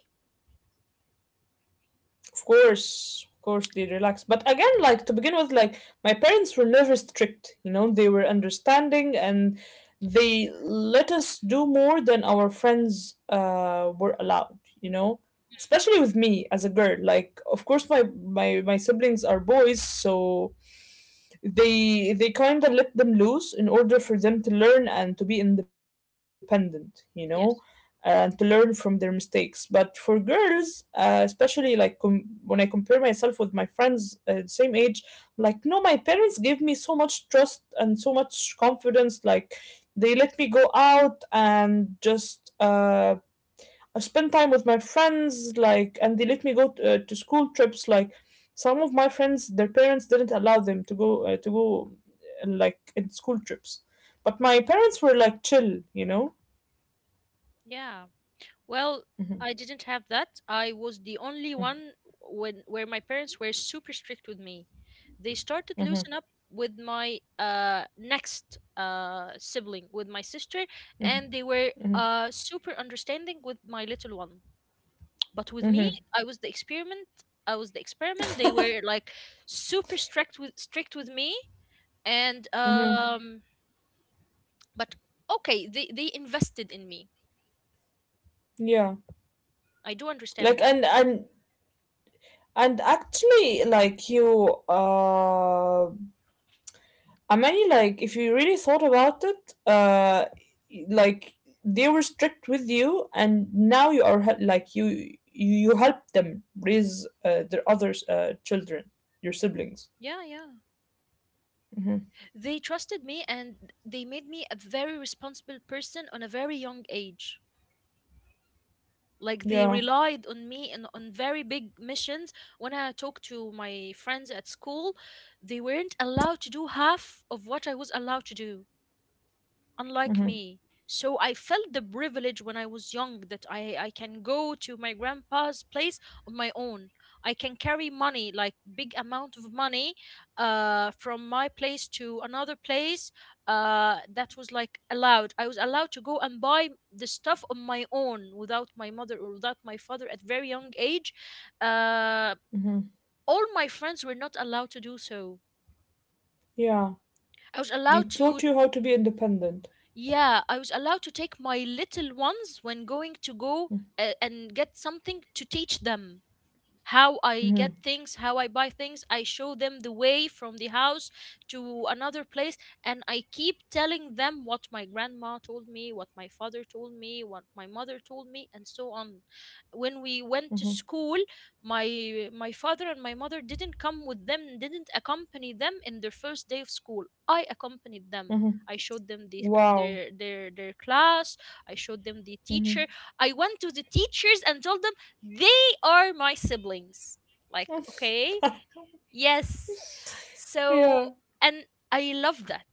Speaker 2: Of course, of course they relax. But again, like to begin with, like my parents were never strict. You know, they were understanding, and they let us do more than our friends were allowed. You know, especially with me as a girl. Like, of course, my siblings are boys, so they kind of let them loose in order for them to learn and to be independent, you know,
Speaker 1: Yes.
Speaker 2: and to learn from their mistakes. But for girls, especially like when I compare myself with my friends the same age, like no, my parents gave me so much trust and so much confidence. Like they let me go out and just I spend time with my friends, like, and they let me to school trips. Like some of my friends, their parents didn't allow them to go, like, in school trips. But my parents were like chill, you know.
Speaker 1: Yeah. Well, I didn't have that. I was the only one when where my parents were super strict with me. They started
Speaker 2: Mm-hmm.
Speaker 1: loosen up with my next sibling, with my sister, and they were super understanding with my little one. But with me,
Speaker 2: Mm-hmm.
Speaker 1: I was the experiment. I was the experiment. They were like super strict with me, and
Speaker 2: Mm-hmm.
Speaker 1: but okay, they invested in me.
Speaker 2: Yeah.
Speaker 1: I do
Speaker 2: Like,
Speaker 1: understand that.
Speaker 2: and and actually, like you, I mean, like, if you really thought about it, like they were strict with you, and now you are, you help them raise their other children, your siblings.
Speaker 1: Yeah, yeah.
Speaker 2: Hmm.
Speaker 1: They trusted me and they made me a very responsible person on a very young age. Like they
Speaker 2: Yeah.
Speaker 1: relied on me and on very big missions. When I talked to my friends at school, they weren't allowed to do half of what I was allowed to do, unlike
Speaker 2: Hmm.
Speaker 1: me. So I felt the privilege when I was young that I can go to my grandpa's place on my own. I can carry money, like big amount of money, from my place to another place. That was like allowed. I was allowed to go and buy the stuff on my own without my mother or without my father at very young age. Uh,
Speaker 2: Hmm.
Speaker 1: all my friends were not allowed to do so.
Speaker 2: Yeah.
Speaker 1: I was
Speaker 2: They
Speaker 1: allowed to.
Speaker 2: taught you how to be independent.
Speaker 1: Yeah, I was allowed to take my little ones when going to go and get something to teach them how I get things, how I buy things. I show them the way from the house to another place, and I keep telling them what my grandma told me, what my father told me, what my mother told me, and so on. When we went to
Speaker 2: Hmm.
Speaker 1: school, my father and my mother didn't come with them, didn't accompany them in their first day of school. I accompanied them.
Speaker 2: Hmm.
Speaker 1: I showed them the,
Speaker 2: Wow.
Speaker 1: their their their class. I showed them the teacher.
Speaker 2: Hmm.
Speaker 1: I went to the teachers and told them they are my siblings. Like, okay, yes. So,
Speaker 2: Yeah.
Speaker 1: and I love that.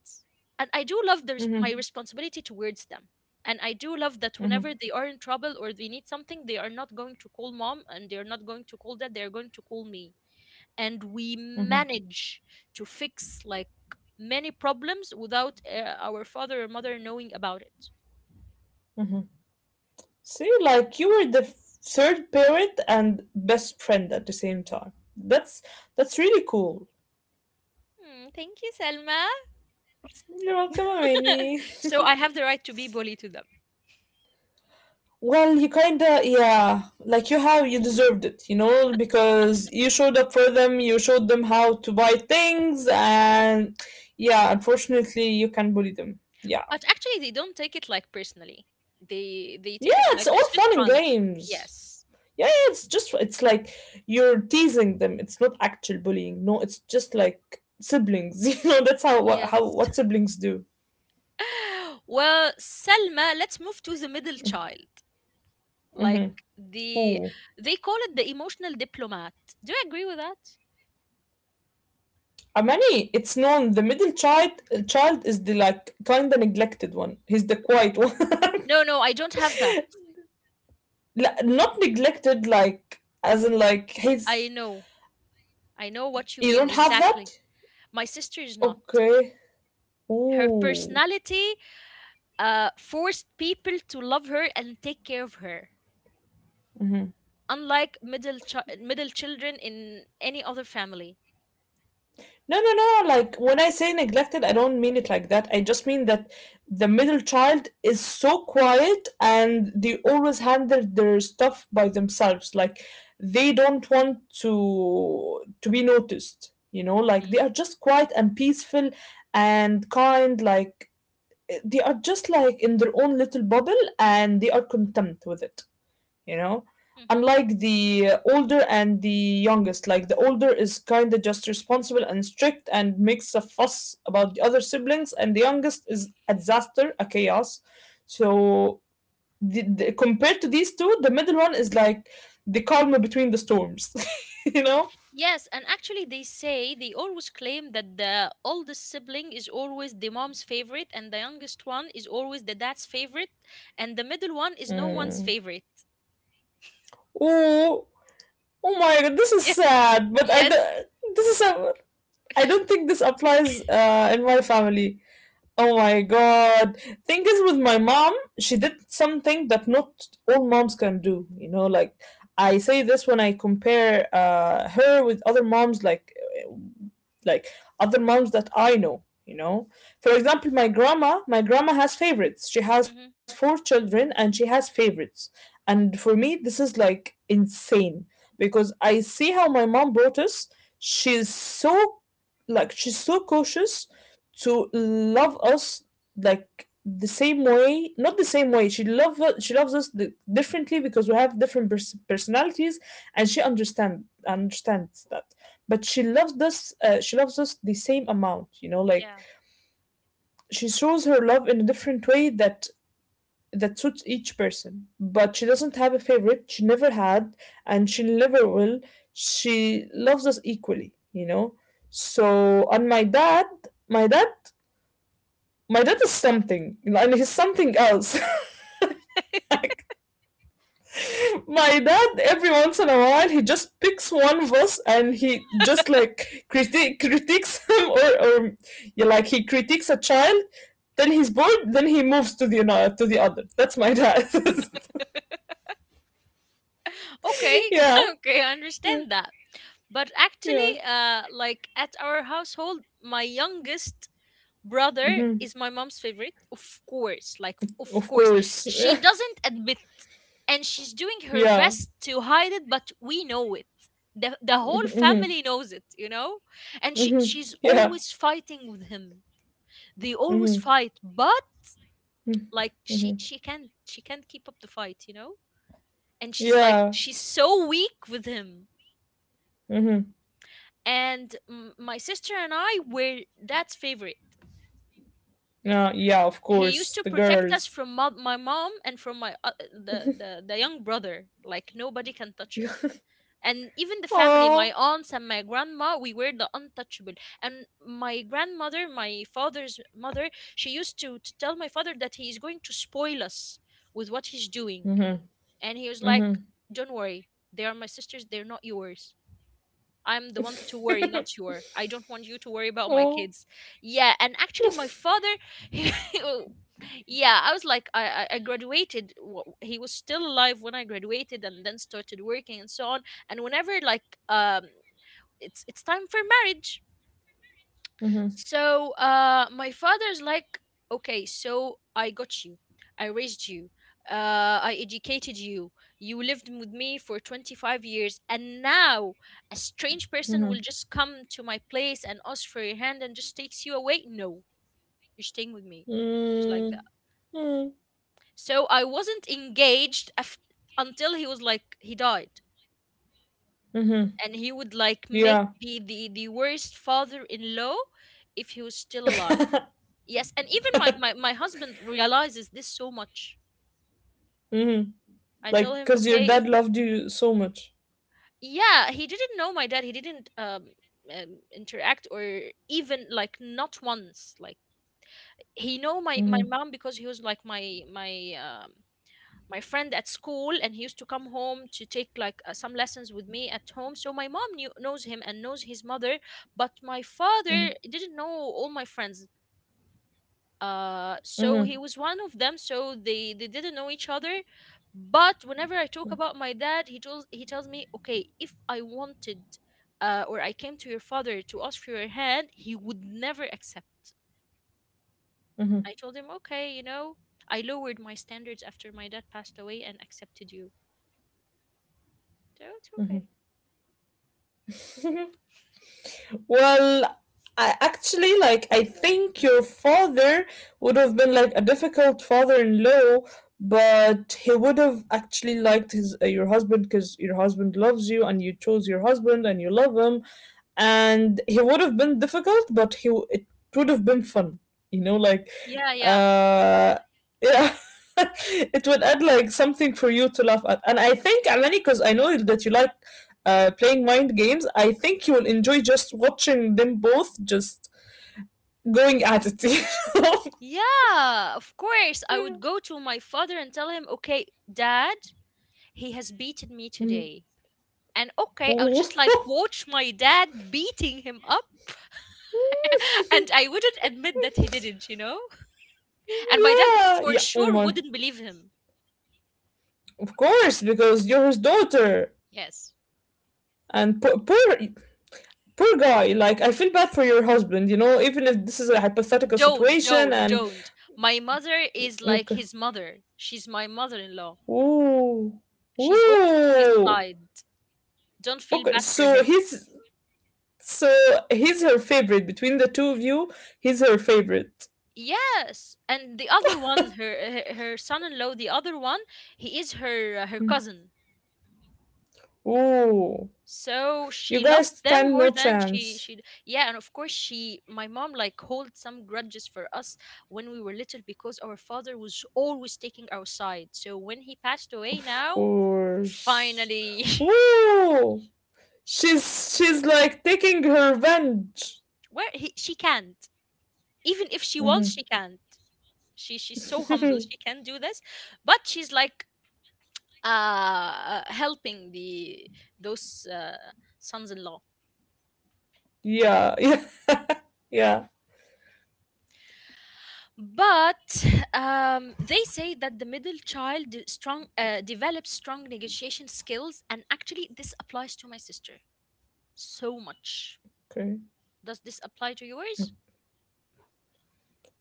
Speaker 1: And I do love there's my
Speaker 2: Hmm.
Speaker 1: responsibility towards them. And I do love that
Speaker 2: Hmm.
Speaker 1: whenever they are in trouble or they need something, they are not going to call mom and they're not going to call dad, they're going to call me. And we manage to fix like many problems without our father or mother knowing about it.
Speaker 2: Hmm. See, like you were third parent and best friend at the same time. That's really cool.
Speaker 1: Hmm, thank you, Selma.
Speaker 2: You're welcome, Amani.
Speaker 1: so I have the right to be bully to them.
Speaker 2: Well, you kinda, yeah, like you, how you deserved it, you know, because you showed up for them. You showed them how to buy things, and yeah, unfortunately, you can bully them. Yeah,
Speaker 1: But actually, they don't take it like personally. They take
Speaker 2: yeah,
Speaker 1: it
Speaker 2: it's
Speaker 1: like
Speaker 2: all
Speaker 1: it's just
Speaker 2: fun and
Speaker 1: fun.
Speaker 2: games.
Speaker 1: Yes.
Speaker 2: Yeah, yeah, it's just it's like, you're teasing them. It's not actual bullying. No, it's just like siblings. You know, that's how
Speaker 1: Yes.
Speaker 2: what siblings do.
Speaker 1: Well, Selma, let's move to the middle child. Like
Speaker 2: Mm-hmm.
Speaker 1: the
Speaker 2: Ooh.
Speaker 1: they call it the emotional diplomat. Do you agree with that?
Speaker 2: Amani, it's known the middle child child is the like kinda neglected one. He's the quiet one.
Speaker 1: No, no, I don't have that.
Speaker 2: Not neglected, like as in like
Speaker 1: I
Speaker 2: he's,
Speaker 1: know. I know what you
Speaker 2: you
Speaker 1: mean
Speaker 2: don't have that?
Speaker 1: exactly. My sister is not.
Speaker 2: Okay.
Speaker 1: Her
Speaker 2: Ooh.
Speaker 1: personality forced people to love her and take care of her,
Speaker 2: Mm-hmm.
Speaker 1: unlike middle children in any other family.
Speaker 2: No, no, no. Like when I say neglected, I don't mean it like that. I just mean that the middle child is so quiet and they always handle their stuff by themselves. Like they don't want to be noticed, you know? Like they
Speaker 1: Mm,
Speaker 2: are just quiet and peaceful and kind, like they are just like in their own little bubble, and they are content with it, you know,
Speaker 1: mhm.
Speaker 2: unlike the older and the youngest. Like the older is kind of just responsible and strict and makes a fuss about the other siblings, and the youngest is a disaster, a chaos. So, compared to these two, the middle one is like the calm between the storms, you know.
Speaker 1: Yes, and actually, they always claim that the oldest sibling is always the mom's favorite, and the youngest one is always the dad's favorite, and the middle one is no one's
Speaker 2: Mm.
Speaker 1: favorite.
Speaker 2: Oh. Oh my god, this is
Speaker 1: Yeah.
Speaker 2: sad. But I,
Speaker 1: Yes.
Speaker 2: this is a, I don't think this applies in my family. Oh my God. Thing is, with my mom, she did something that not all moms can do. You know, like I say this when I compare her with other moms, like uh, like other moms that I know. You know, for example, my grandma. My grandma has favorites. She has
Speaker 1: Hmm.
Speaker 2: 4 children, and she has favorites. And for me, this is like insane because I see how my mom brought us. She's so she's so cautious to love us like the same way, not the same way. She loves us differently because we have different personalities, and she understands that, but she loves us, she loves us the same amount, like
Speaker 1: Yeah.
Speaker 2: she shows her love in a different way that suits each person. But she doesn't have a favorite. She never had, and she never will. She loves us equally. So, and my dad, my dad is something, and he's something else. Like, my dad, every once in a while, he just picks one of us and he just like critiques him or, yeah, like he critiques a child. Then he's bored. Then he moves to the other. That's my dad.
Speaker 1: Okay,
Speaker 2: Yeah,
Speaker 1: okay, I understand that. But actually,
Speaker 2: yeah.
Speaker 1: like at our household, my youngest brother
Speaker 2: Hmm.
Speaker 1: is my mom's favorite, of course. Like, of
Speaker 2: Of
Speaker 1: course,
Speaker 2: course.
Speaker 1: she doesn't admit, and she's doing her
Speaker 2: Yeah.
Speaker 1: best to hide it, but we know it. The whole
Speaker 2: Hmm.
Speaker 1: family knows it, and she
Speaker 2: Hmm.
Speaker 1: she's
Speaker 2: Yeah.
Speaker 1: always fighting with him. They always
Speaker 2: Hmm.
Speaker 1: fight, but like, she
Speaker 2: Hmm.
Speaker 1: she can't, she can't keep up the fight, and she's like,
Speaker 2: Yeah.
Speaker 1: she's so weak with him.
Speaker 2: Hmm.
Speaker 1: And my sister and I were dad's favorite.
Speaker 2: Yeah, of
Speaker 1: He used
Speaker 2: course.
Speaker 1: to
Speaker 2: The
Speaker 1: protect us
Speaker 2: girls.
Speaker 1: from my mom and from my the young brother, like nobody can touch us. And even the family,
Speaker 2: Aww.
Speaker 1: my aunts and my grandma, we were the untouchable. And my grandmother, my father's mother, she used to tell my father that he is going to spoil us with what he's doing.
Speaker 2: Hmm.
Speaker 1: And he was like,
Speaker 2: Hmm.
Speaker 1: don't worry, they are my sisters, they're not yours. I'm the one to worry, not your. I don't want you to worry about my
Speaker 2: Oh.
Speaker 1: kids. Yeah, and actually, my father, he, yeah, I was like, I graduated. He was still alive when I graduated, and then started working and so on. And whenever like, it's time for marriage,
Speaker 2: Hmm.
Speaker 1: so, my father's like, okay, so I got you, I raised you, I educated you, you lived with me for 25 years, and now a strange person will
Speaker 2: Hmm.
Speaker 1: just come to my place and ask for your hand and just takes you away? No, you're staying with me. And he like
Speaker 2: Mm.
Speaker 1: that. So, I wasn't engaged until he was like, he died.
Speaker 2: Mm-hmm.
Speaker 1: And he would like make
Speaker 2: Yeah.
Speaker 1: the worst father in law if he was still alive. Yes, and even my husband realizes this so much.
Speaker 2: Hmm.
Speaker 1: I tell
Speaker 2: Like,
Speaker 1: him,
Speaker 2: because your
Speaker 1: okay, if
Speaker 2: dad loved you so much.
Speaker 1: yeah, he didn't know my dad. He didn't interact, or even like not once. Like, he know my
Speaker 2: Hmm.
Speaker 1: mom because he was like my friend at school, and he used to come home to take like, some lessons with me at home. So my mom knew knows him and knows his mother, but my
Speaker 2: Hmm.
Speaker 1: father didn't know all my friends. So
Speaker 2: Hmm.
Speaker 1: he was one of them, so they didn't know each other. But whenever I talk about my dad, he tells me, okay, if I wanted, or I came to your father to ask for your hand, he would never accept.
Speaker 2: Hmm.
Speaker 1: I told him, okay, I lowered my standards after my dad passed away and accepted you, so it's okay.
Speaker 2: Well, I actually, like, I think your father would have been like a difficult father-in-law, but he would have actually liked his your husband because your husband loves you and you chose your husband and you love him, and he would have been difficult, but it would have been fun, you know, like
Speaker 1: Yeah, yeah,
Speaker 2: uh yeah. It would add like something for you to laugh at, and I think Alani, because I know that you like playing mind games, I think you will enjoy just watching them both just going at it.
Speaker 1: yeah, of course I would go to my father and tell him, okay, dad, he has beaten me today. And okay, I'll just like watch my dad beating him up. And I wouldn't admit that he didn't, and my dad
Speaker 2: Yeah,
Speaker 1: for
Speaker 2: yeah. Oh
Speaker 1: sure
Speaker 2: my,
Speaker 1: wouldn't believe him.
Speaker 2: of course, because you're his daughter,
Speaker 1: Yes,
Speaker 2: and poor, poor, poor guy. Like, I feel bad for your husband. Even if this is a hypothetical
Speaker 1: don't,
Speaker 2: situation.
Speaker 1: don't,
Speaker 2: And
Speaker 1: don't. My mother is like
Speaker 2: okay,
Speaker 1: his mother, she's my mother-in-law.
Speaker 2: ooh,
Speaker 1: She's always in his
Speaker 2: ooh,
Speaker 1: side, don't feel
Speaker 2: okay.
Speaker 1: bad for
Speaker 2: So
Speaker 1: him.
Speaker 2: he's so he's her favorite between the two of you. He's her favorite.
Speaker 1: Yes, and the other one, her son-in-law, the other one, he is her cousin,
Speaker 2: Ooh,
Speaker 1: so
Speaker 2: you
Speaker 1: she
Speaker 2: guys
Speaker 1: loves them
Speaker 2: stand
Speaker 1: more
Speaker 2: no
Speaker 1: than she
Speaker 2: chance.
Speaker 1: she yeah. And of course, she my mom like holds some grudges for us when we were little because our father was always taking our side. So when he passed away,
Speaker 2: Of
Speaker 1: now,
Speaker 2: course.
Speaker 1: finally,
Speaker 2: Ooh, she's like taking her revenge.
Speaker 1: where she can't, even if she wants,
Speaker 2: Mhm.
Speaker 1: she can't. She's so humble, she can't do this. But she's like, helping the those, sons-in-law.
Speaker 2: Yeah, yeah, yeah.
Speaker 1: But they say that the middle child de- strong develops strong negotiation skills, and actually this applies to my sister so much.
Speaker 2: Okay.
Speaker 1: Does this apply to yours?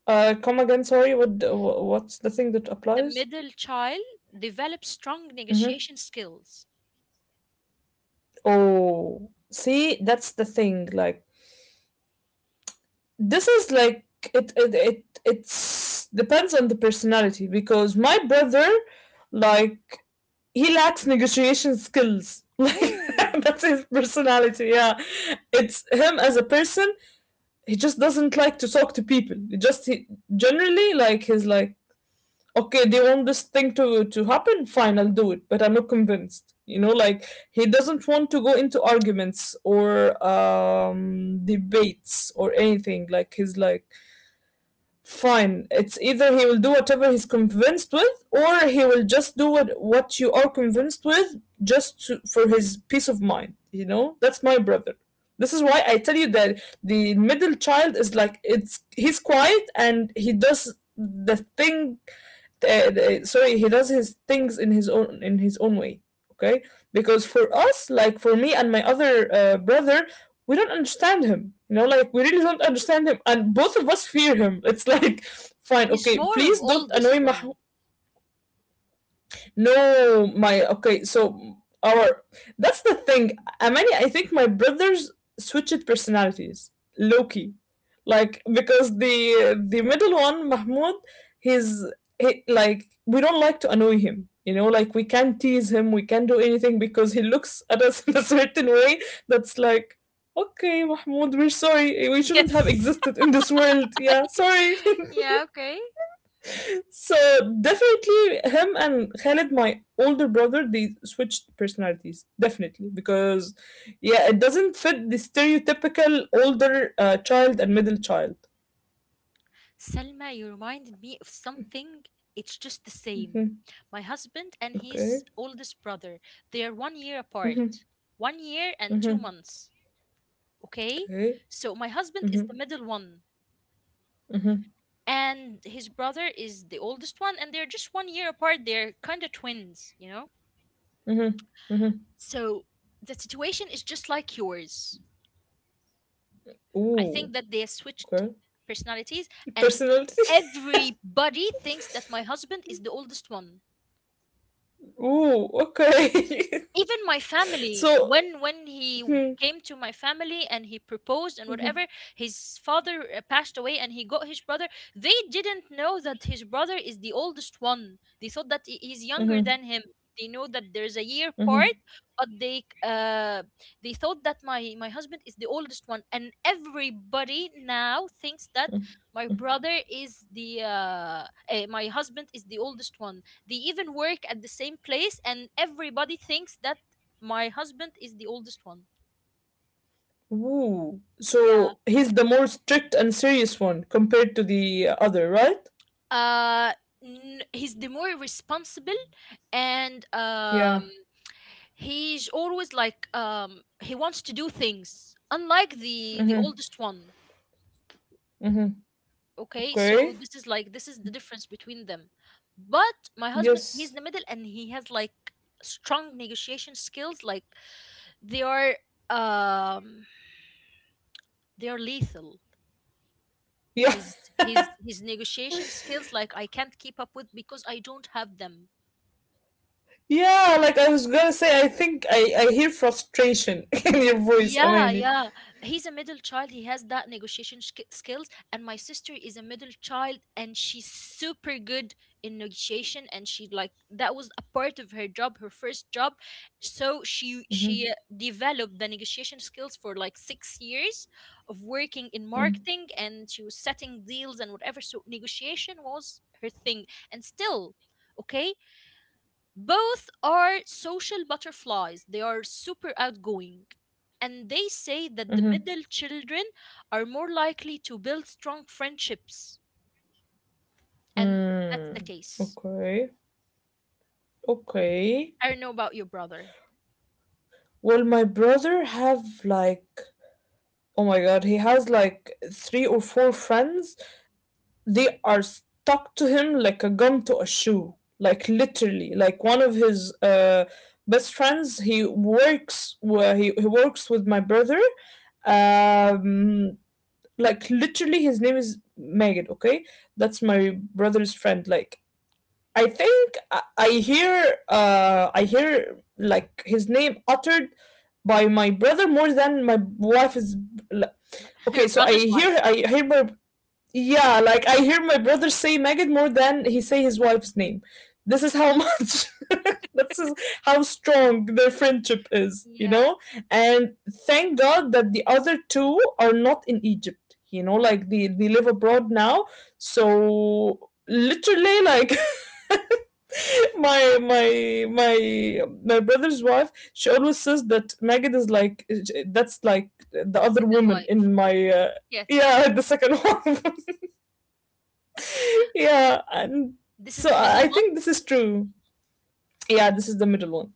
Speaker 2: Come again. Sorry. What? What's the thing that
Speaker 1: The
Speaker 2: applies?
Speaker 1: middle child develops strong
Speaker 2: Mm-hmm.
Speaker 1: negotiation skills.
Speaker 2: Oh, see, that's the thing. Like, this is like it's depends on the personality because my brother, like, he lacks negotiation skills. Like,
Speaker 1: Ooh.
Speaker 2: that's his personality. Yeah, it's him as a person. He just doesn't like to talk to people. He generally, like, he's like, okay, they want this thing to happen. Fine, I'll do it, but I'm not convinced. Like, he doesn't want to go into arguments or debates or anything. Like, he's like, fine, it's either he will do whatever he's convinced with or he will just do what you are convinced with, just for his peace of mind. That's my brother. This is why I tell you that the middle child is, like, it's he's quiet and he does the thing. Sorry, he does his things in his own way. Okay. Because for us, like, for me and my other brother, we don't understand him. Like, we really don't understand him, and both of us fear him. It's like, fine,
Speaker 1: He's
Speaker 2: okay,
Speaker 1: more of
Speaker 2: please don't
Speaker 1: oldest
Speaker 2: annoy Mah-.
Speaker 1: one.
Speaker 2: No, my okay, so our that's the thing. Amani, I think my brothers switched personalities, Loki. Like, because the middle one, Mahmoud, he's he, like, we don't like to annoy him. You know, like, we can't tease him, we can't do anything because he looks at us in a certain way, that's like, okay, Mahmoud, we're sorry, we shouldn't have
Speaker 1: Yes.
Speaker 2: existed in this world. Yeah, sorry.
Speaker 1: Yeah, okay.
Speaker 2: So definitely him and Khaled, my older brother, they switched personalities definitely because, yeah, it doesn't fit the stereotypical older child and middle child.
Speaker 1: Selma, you reminded me of something. It's just the same.
Speaker 2: Mhm.
Speaker 1: My husband and his
Speaker 2: Okay.
Speaker 1: oldest brother, they are 1 year
Speaker 2: Mhm.
Speaker 1: apart. 1 year and two
Speaker 2: Mhm.
Speaker 1: months. Okay?
Speaker 2: Okay.
Speaker 1: So my husband is the
Speaker 2: Mhm.
Speaker 1: middle one.
Speaker 2: Mhm.
Speaker 1: And his brother is the oldest one, and they're just 1 year apart. They're kind of twins, you know?
Speaker 2: Mhm. Mhm.
Speaker 1: So the situation is just like yours. I
Speaker 2: Ooh.
Speaker 1: think that they have switched
Speaker 2: Okay.
Speaker 1: personalities, and
Speaker 2: Personality.
Speaker 1: everybody thinks that my husband is the oldest one.
Speaker 2: Ooh. Okay.
Speaker 1: Even my family,
Speaker 2: So.
Speaker 1: when he
Speaker 2: Hmm.
Speaker 1: came to my family and he proposed and whatever, his father, passed away and he got his brother, they didn't know that his brother is the oldest one, they thought that he's younger
Speaker 2: Mhm.
Speaker 1: than him. They know that there's a year
Speaker 2: Mhm.
Speaker 1: part, but they, they thought that my husband is the oldest one, and everybody now thinks that my husband is the oldest one. They even work at the same place and everybody thinks that my husband is the oldest one.
Speaker 2: Ooh.
Speaker 1: Yeah.
Speaker 2: So he's the more strict and serious one compared to the other, right?
Speaker 1: uh he's the more responsible, and
Speaker 2: Yeah.
Speaker 1: he's always like, he wants to do things unlike the oldest one.
Speaker 2: Mhm.
Speaker 1: Okay, so
Speaker 2: Okay.
Speaker 1: this is like, this is the difference between them. But my husband, he's
Speaker 2: Yes.
Speaker 1: in the middle and he has like strong negotiation skills, like, they are, um they are lethal.
Speaker 2: Yeah.
Speaker 1: his his his negotiation skills, like, I can't keep up with because I don't have them.
Speaker 2: Yeah, like I was gonna say, I think I hear frustration in your voice,
Speaker 1: Yeah,
Speaker 2: Amani.
Speaker 1: yeah, he's a middle child, he has that negotiation skills. And my sister is a middle child, and she's super good in negotiation. And she like, that was a part of her job, her first job. So she
Speaker 2: Mm-hmm.
Speaker 1: she uh, developed the negotiation skills for like 6 years of working in
Speaker 2: Mm-hmm.
Speaker 1: marketing, and she was setting deals and whatever, so negotiation was her thing. And still, okay. Both are social butterflies. They are super outgoing. And they say that the
Speaker 2: Mm-hmm.
Speaker 1: middle children are more likely to build strong friendships. And that's the
Speaker 2: Mm.
Speaker 1: case.
Speaker 2: Okay. Okay.
Speaker 1: I don't know about your brother.
Speaker 2: Well, my brother have, like, oh my God, he has like three or four friends. They are stuck to him like a gun to a shoe, like, literally, like, one of his best friends, he works where he works with my brother. um like, literally, his name is Magid. Okay, that's my brother's friend. Like, I think I hear like his name uttered by my brother more than my wife is, like, okay.
Speaker 1: Your
Speaker 2: So I
Speaker 1: brother's
Speaker 2: hear,
Speaker 1: wife.
Speaker 2: my, yeah, like I hear my brother say Maggot more than he say his wife's name. This is how much, this is how strong their friendship is, you
Speaker 1: Yeah,
Speaker 2: know? And thank God that the other two are not in Egypt, like they live abroad now. So literally, like, my brother's wife, she always says that Maggot is like, that's like the other
Speaker 1: second
Speaker 2: woman
Speaker 1: wife.
Speaker 2: in my,
Speaker 1: Yeah.
Speaker 2: yeah, the second one. Yeah, and
Speaker 1: This is
Speaker 2: so
Speaker 1: the
Speaker 2: I
Speaker 1: middle one.
Speaker 2: think this is true. Yeah, this is the middle one.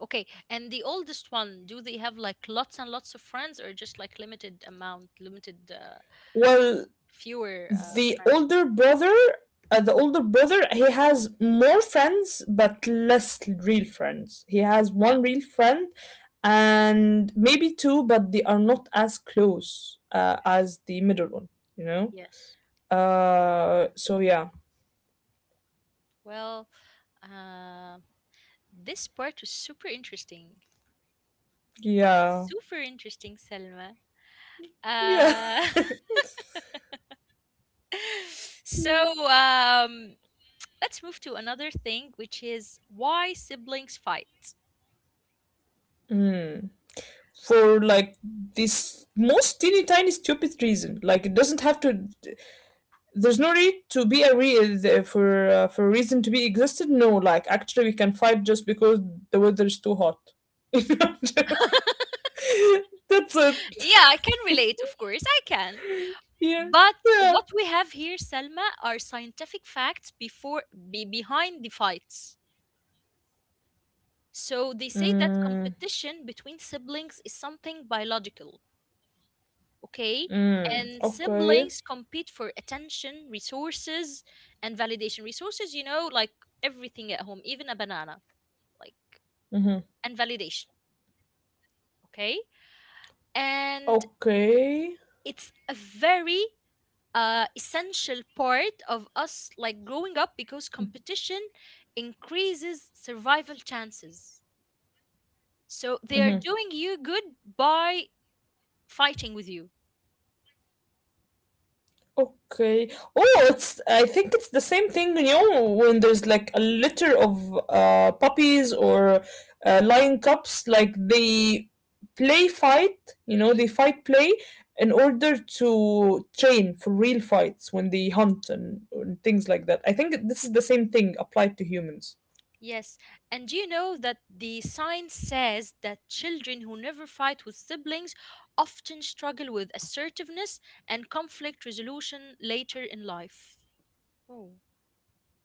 Speaker 1: Okay. And the oldest one, do they have like lots and lots of friends, or just like limited amount,
Speaker 2: Well,
Speaker 1: fewer,
Speaker 2: the
Speaker 1: friends?
Speaker 2: older brother, he has more friends but less real friends. He has
Speaker 1: Yeah.
Speaker 2: one real friend and maybe two, but they are not as close
Speaker 1: Yeah.
Speaker 2: as the middle one. You know.
Speaker 1: Yes.
Speaker 2: So yeah,
Speaker 1: Well, uh, this part was super interesting.
Speaker 2: yeah,
Speaker 1: Super interesting, Selma.
Speaker 2: yeah,
Speaker 1: Uh, so,
Speaker 2: yeah.
Speaker 1: let's move to another thing, which is why siblings fight.
Speaker 2: For, like, this most teeny tiny stupid reason, like, it doesn't have to, there's no need to be a for a reason to be existed. No, like, actually, we can fight just because the weather is too hot. That's it.
Speaker 1: Yeah, I can relate, of course, I can.
Speaker 2: Yeah,
Speaker 1: But
Speaker 2: yeah.
Speaker 1: what we have here, Selma, are scientific facts behind the fights. So they say that
Speaker 2: Mm,
Speaker 1: competition between siblings is something biological, okay?
Speaker 2: mm,
Speaker 1: And
Speaker 2: okay.
Speaker 1: siblings compete for attention, resources, and validation. Resources, like everything at home, even a banana, like,
Speaker 2: Mm-hmm.
Speaker 1: and validation, okay? And
Speaker 2: Okay.
Speaker 1: it's a very, essential part of us, like, growing up, because competition increases survival chances. So they are
Speaker 2: Mm-hmm.
Speaker 1: doing you good by fighting with you.
Speaker 2: Okay. Oh, it's I think it's the same thing, when there's like a litter of puppies or lion cubs, like they play fight,
Speaker 1: Mm-hmm.
Speaker 2: they fight play in order to train for real fights when they hunt and things like that. I think this is the same thing applied to humans.
Speaker 1: Yes, and do you know that the science says that children who never fight with siblings often struggle with assertiveness and conflict resolution later in life? Oh,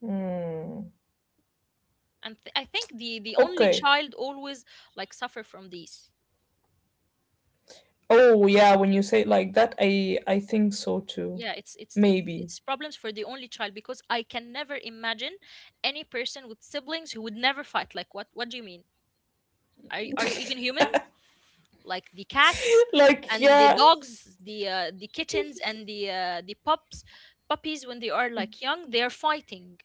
Speaker 2: Hmm.
Speaker 1: and I think the only
Speaker 2: Okay.
Speaker 1: child always like suffer from these.
Speaker 2: Oh yeah, when you say it like that, I think so too.
Speaker 1: Yeah, it's it's it's
Speaker 2: Maybe.
Speaker 1: it's problems for the only child, because I can never imagine any person with siblings who would never fight. Like, what do you mean? Are are you even humans? Like the cats
Speaker 2: Like,
Speaker 1: and the
Speaker 2: yeah.
Speaker 1: dogs, the, the kittens and the, the pups puppies, when they are like young, they're fighting.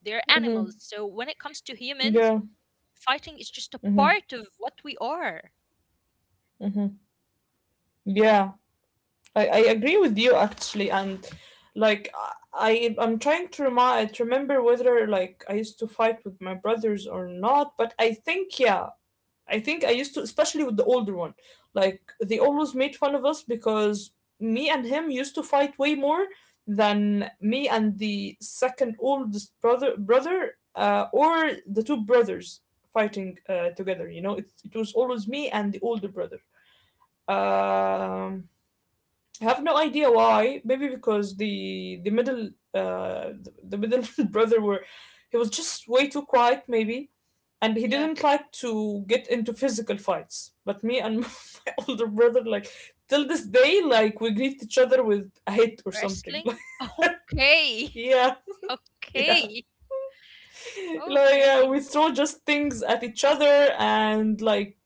Speaker 1: They're animals,
Speaker 2: Mhm.
Speaker 1: so when it comes to humans,
Speaker 2: Yeah.
Speaker 1: fighting is just a
Speaker 2: Mhm.
Speaker 1: part of what we are.
Speaker 2: Yeah, I agree with you actually, and, like, I'm trying to remind to remember whether, like, I used to fight with my brothers or not, but I think I used to, especially with the older one, like they always made fun of us because me and him used to fight way more than me and the second oldest brother, or the two brothers fighting, together. It was always me and the older brother. Um I have no idea why. Maybe because the middle brother were he was just way too quiet, maybe, and he
Speaker 1: Yeah,
Speaker 2: didn't like to get into physical fights. But me and my older brother, like, till this day, like, we greet each other with a hit or something.
Speaker 1: wrestling.
Speaker 2: Like,
Speaker 1: Okay.
Speaker 2: yeah, yeah.
Speaker 1: Okay.
Speaker 2: Like,
Speaker 1: Okay.
Speaker 2: we throw just things at each other and, like,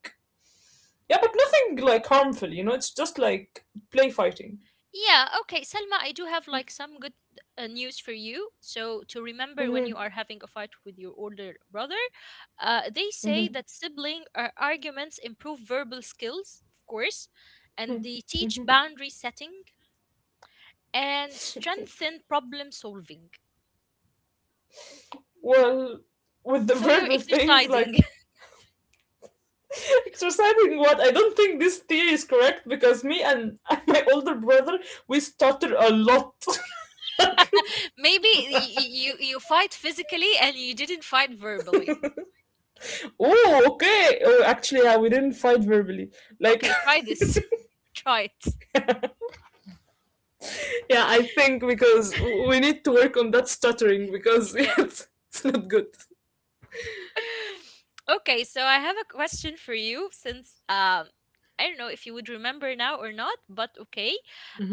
Speaker 2: yeah, but nothing like harmful. It's just like play fighting.
Speaker 1: Yeah, okay, Selma, I do have like some good, news for you. So, to remember when you
Speaker 2: Hmm.
Speaker 1: are having a fight with your older brother, they say
Speaker 2: Hmm.
Speaker 1: that sibling, arguments improve verbal skills, of course, and they teach boundary setting and strengthen problem solving.
Speaker 2: Well, with the
Speaker 1: So, you're
Speaker 2: verbal thing,
Speaker 1: exercising.
Speaker 2: like, exercising what? I don't think this theory is correct because me and my older brother we stutter a lot. Like,
Speaker 1: Maybe you fight physically and you didn't fight verbally.
Speaker 2: oh, okay. Oh, actually, yeah, we didn't fight verbally. Like,
Speaker 1: Okay, try this. Try it.
Speaker 2: yeah, I think because we need to work on that stuttering because
Speaker 1: Yes.
Speaker 2: it's not good.
Speaker 1: Okay, so I have a question for you, since, I don't know if you would remember now or not, but okay.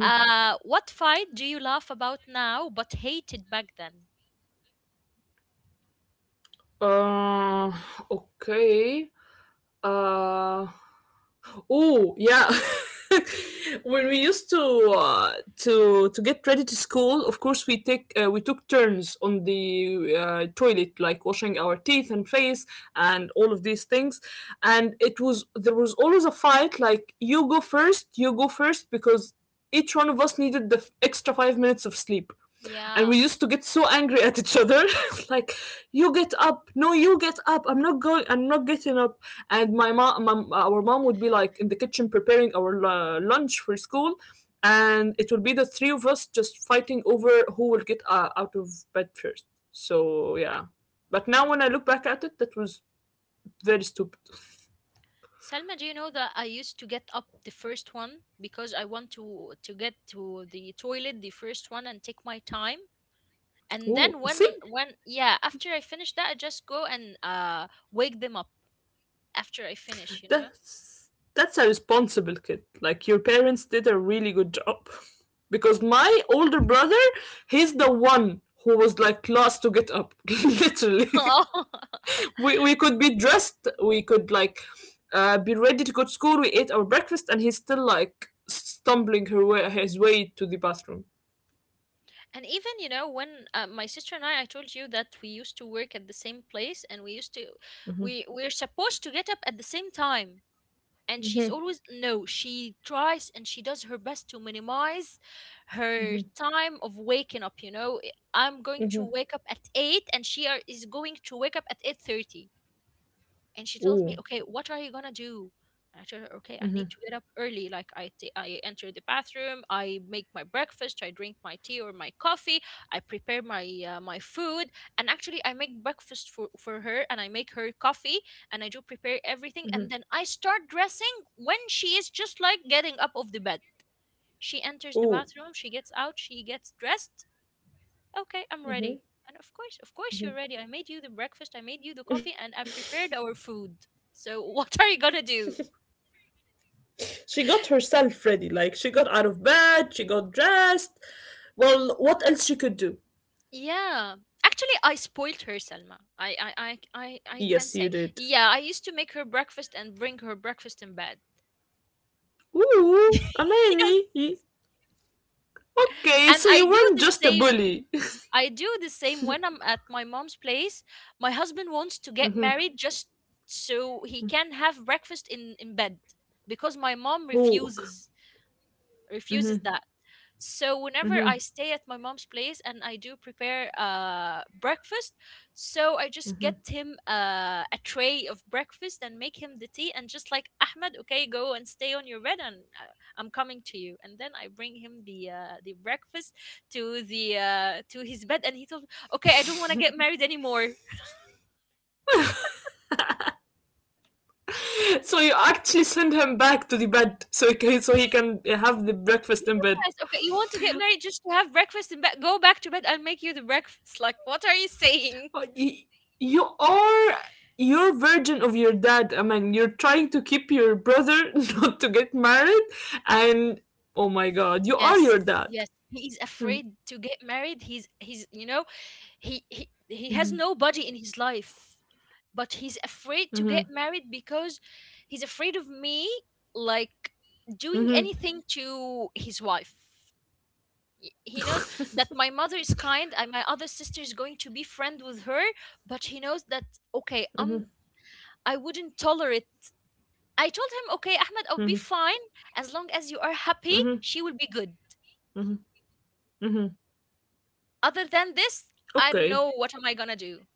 Speaker 1: What fight do you laugh about now but hated back then?
Speaker 2: Uh, okay. Uh, Oh yeah. When we used to get ready to school, of course, we took turns on the toilet, like washing our teeth and face and all of these things. And it was there was always a fight, like, you go first, because each one of us needed the extra 5 minutes of sleep, and
Speaker 1: Yeah.
Speaker 2: we used to get so angry at each other like, you get up, no, you get up, I'm not going, I'm not getting up. And our mom would be like in the kitchen preparing our lunch for school, and it would be the three of us just fighting over who will get out of bed first. So yeah, but now when I look back at it, that was very stupid.
Speaker 1: Selma, do you know that I used to get up the first one because I want to get to the toilet the first one and take my time? And
Speaker 2: Oh,
Speaker 1: then
Speaker 2: see.
Speaker 1: when, yeah, after I finish that, I just go and wake them up after I finish, you know?
Speaker 2: That's that's a responsible kid. Like your parents did a really good job. Because
Speaker 1: Oh.
Speaker 2: my older brother, he's the one who was like last to get up. Literally. We could be dressed, we could like be ready to go to school, we ate our breakfast and he's still like stumbling her way his way to the bathroom.
Speaker 1: And even, when, my sister and I told you that we used to work at the same place, and we were supposed to get up at the same time. And she's always, no, she tries and she does her best to minimize her time of waking up. I- I'm going
Speaker 2: Mm-hmm.
Speaker 1: to wake up at 8:00, and she is going to wake up at 8:30, and she
Speaker 2: Ooh.
Speaker 1: tells me, okay, what are you gonna do? And I tell her, okay, I need to get up early, like, I enter the bathroom, I make my breakfast, I drink my tea or my coffee, I prepare my food. And actually, I make breakfast for her, and I make her coffee, and I do prepare everything, and then I start dressing when she is just like getting up of the bed. She enters the
Speaker 2: Ooh.
Speaker 1: bathroom, she gets out, she gets dressed. Okay, I'm ready. And of course, you're ready. I made you the breakfast, I made you the coffee, and I've prepared our food. So what are you gonna do?
Speaker 2: She got herself ready. Like, she got out of bed, she got dressed. Well, what else she could do?
Speaker 1: Yeah. Actually, I spoiled her, Selma. I, I, I, I,
Speaker 2: Yes,
Speaker 1: I
Speaker 2: you
Speaker 1: can
Speaker 2: did.
Speaker 1: say. Yeah, I used to make her breakfast and bring her breakfast in bed.
Speaker 2: Ooh,
Speaker 1: Yes.
Speaker 2: Amani, y- okay,
Speaker 1: And
Speaker 2: so
Speaker 1: I
Speaker 2: you
Speaker 1: do
Speaker 2: weren't
Speaker 1: the
Speaker 2: just a
Speaker 1: same.
Speaker 2: bully.
Speaker 1: I do the same when I'm at my mom's place. My husband wants
Speaker 2: Mhm.
Speaker 1: to get married just so he can have breakfast in bed, because my mom
Speaker 2: Ooh.
Speaker 1: refuses that. So whenever I stay at my mom's place and I do prepare breakfast, so I just get him, a tray of breakfast and make him the tea, and just like, Ahmed, okay, go and stay on your bed, and I'm coming to you. And then I bring him the, the breakfast to his bed, and he told me, "Okay, I don't want to get married anymore."
Speaker 2: So you actually send him back to the bed so he can have the breakfast in bed.
Speaker 1: Yes, okay, you want to get married just to have breakfast and go back to bed. I'll make you the breakfast. Like, what are you saying?
Speaker 2: Uh, y- You are your version of your dad. I mean, you're trying to keep your brother not to get married, and, oh my God, you are
Speaker 1: Yes,
Speaker 2: your dad.
Speaker 1: yes. He's afraid to get married. He's, you know, he has nobody in his life. But he's afraid to get married because he's afraid of me, like, doing
Speaker 2: Mm-hmm,
Speaker 1: anything to his wife. He knows that my mother is kind and my other sister is going to be friend with her, but he knows that, okay, I wouldn't tolerate. I told him, okay, Ahmed, I'll be fine. As long as you are happy,
Speaker 2: mm-hmm.
Speaker 1: she will be good. Other than this, I don't
Speaker 2: Okay.
Speaker 1: know what am I gonna do.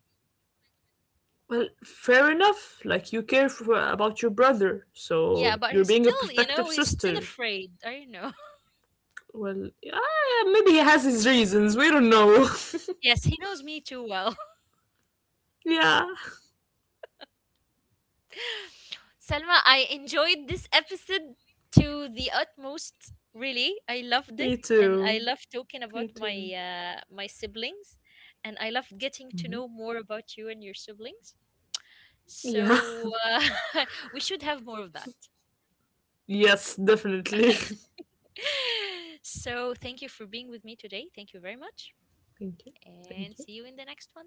Speaker 2: Well, fair enough. Like you care for, about your brother, so
Speaker 1: Yeah, but
Speaker 2: you're
Speaker 1: he's
Speaker 2: being a
Speaker 1: still,
Speaker 2: protective
Speaker 1: he's still
Speaker 2: sister.
Speaker 1: afraid. I don't know.
Speaker 2: Well, yeah, maybe he has his reasons. We don't know.
Speaker 1: Yes, he knows me too well.
Speaker 2: Yeah,
Speaker 1: Selma, I enjoyed this episode to the utmost. Really, I loved
Speaker 2: me
Speaker 1: it,
Speaker 2: too.
Speaker 1: and I love talking
Speaker 2: Me
Speaker 1: about my
Speaker 2: too.
Speaker 1: uh, my siblings, and I love getting to know more about you and your siblings.
Speaker 2: Yeah.
Speaker 1: So, we should have more of that.
Speaker 2: Yes, definitely.
Speaker 1: So thank you for being with me today. Thank you very much,
Speaker 2: Thank you.
Speaker 1: and
Speaker 2: Thank you.
Speaker 1: see you in the next one.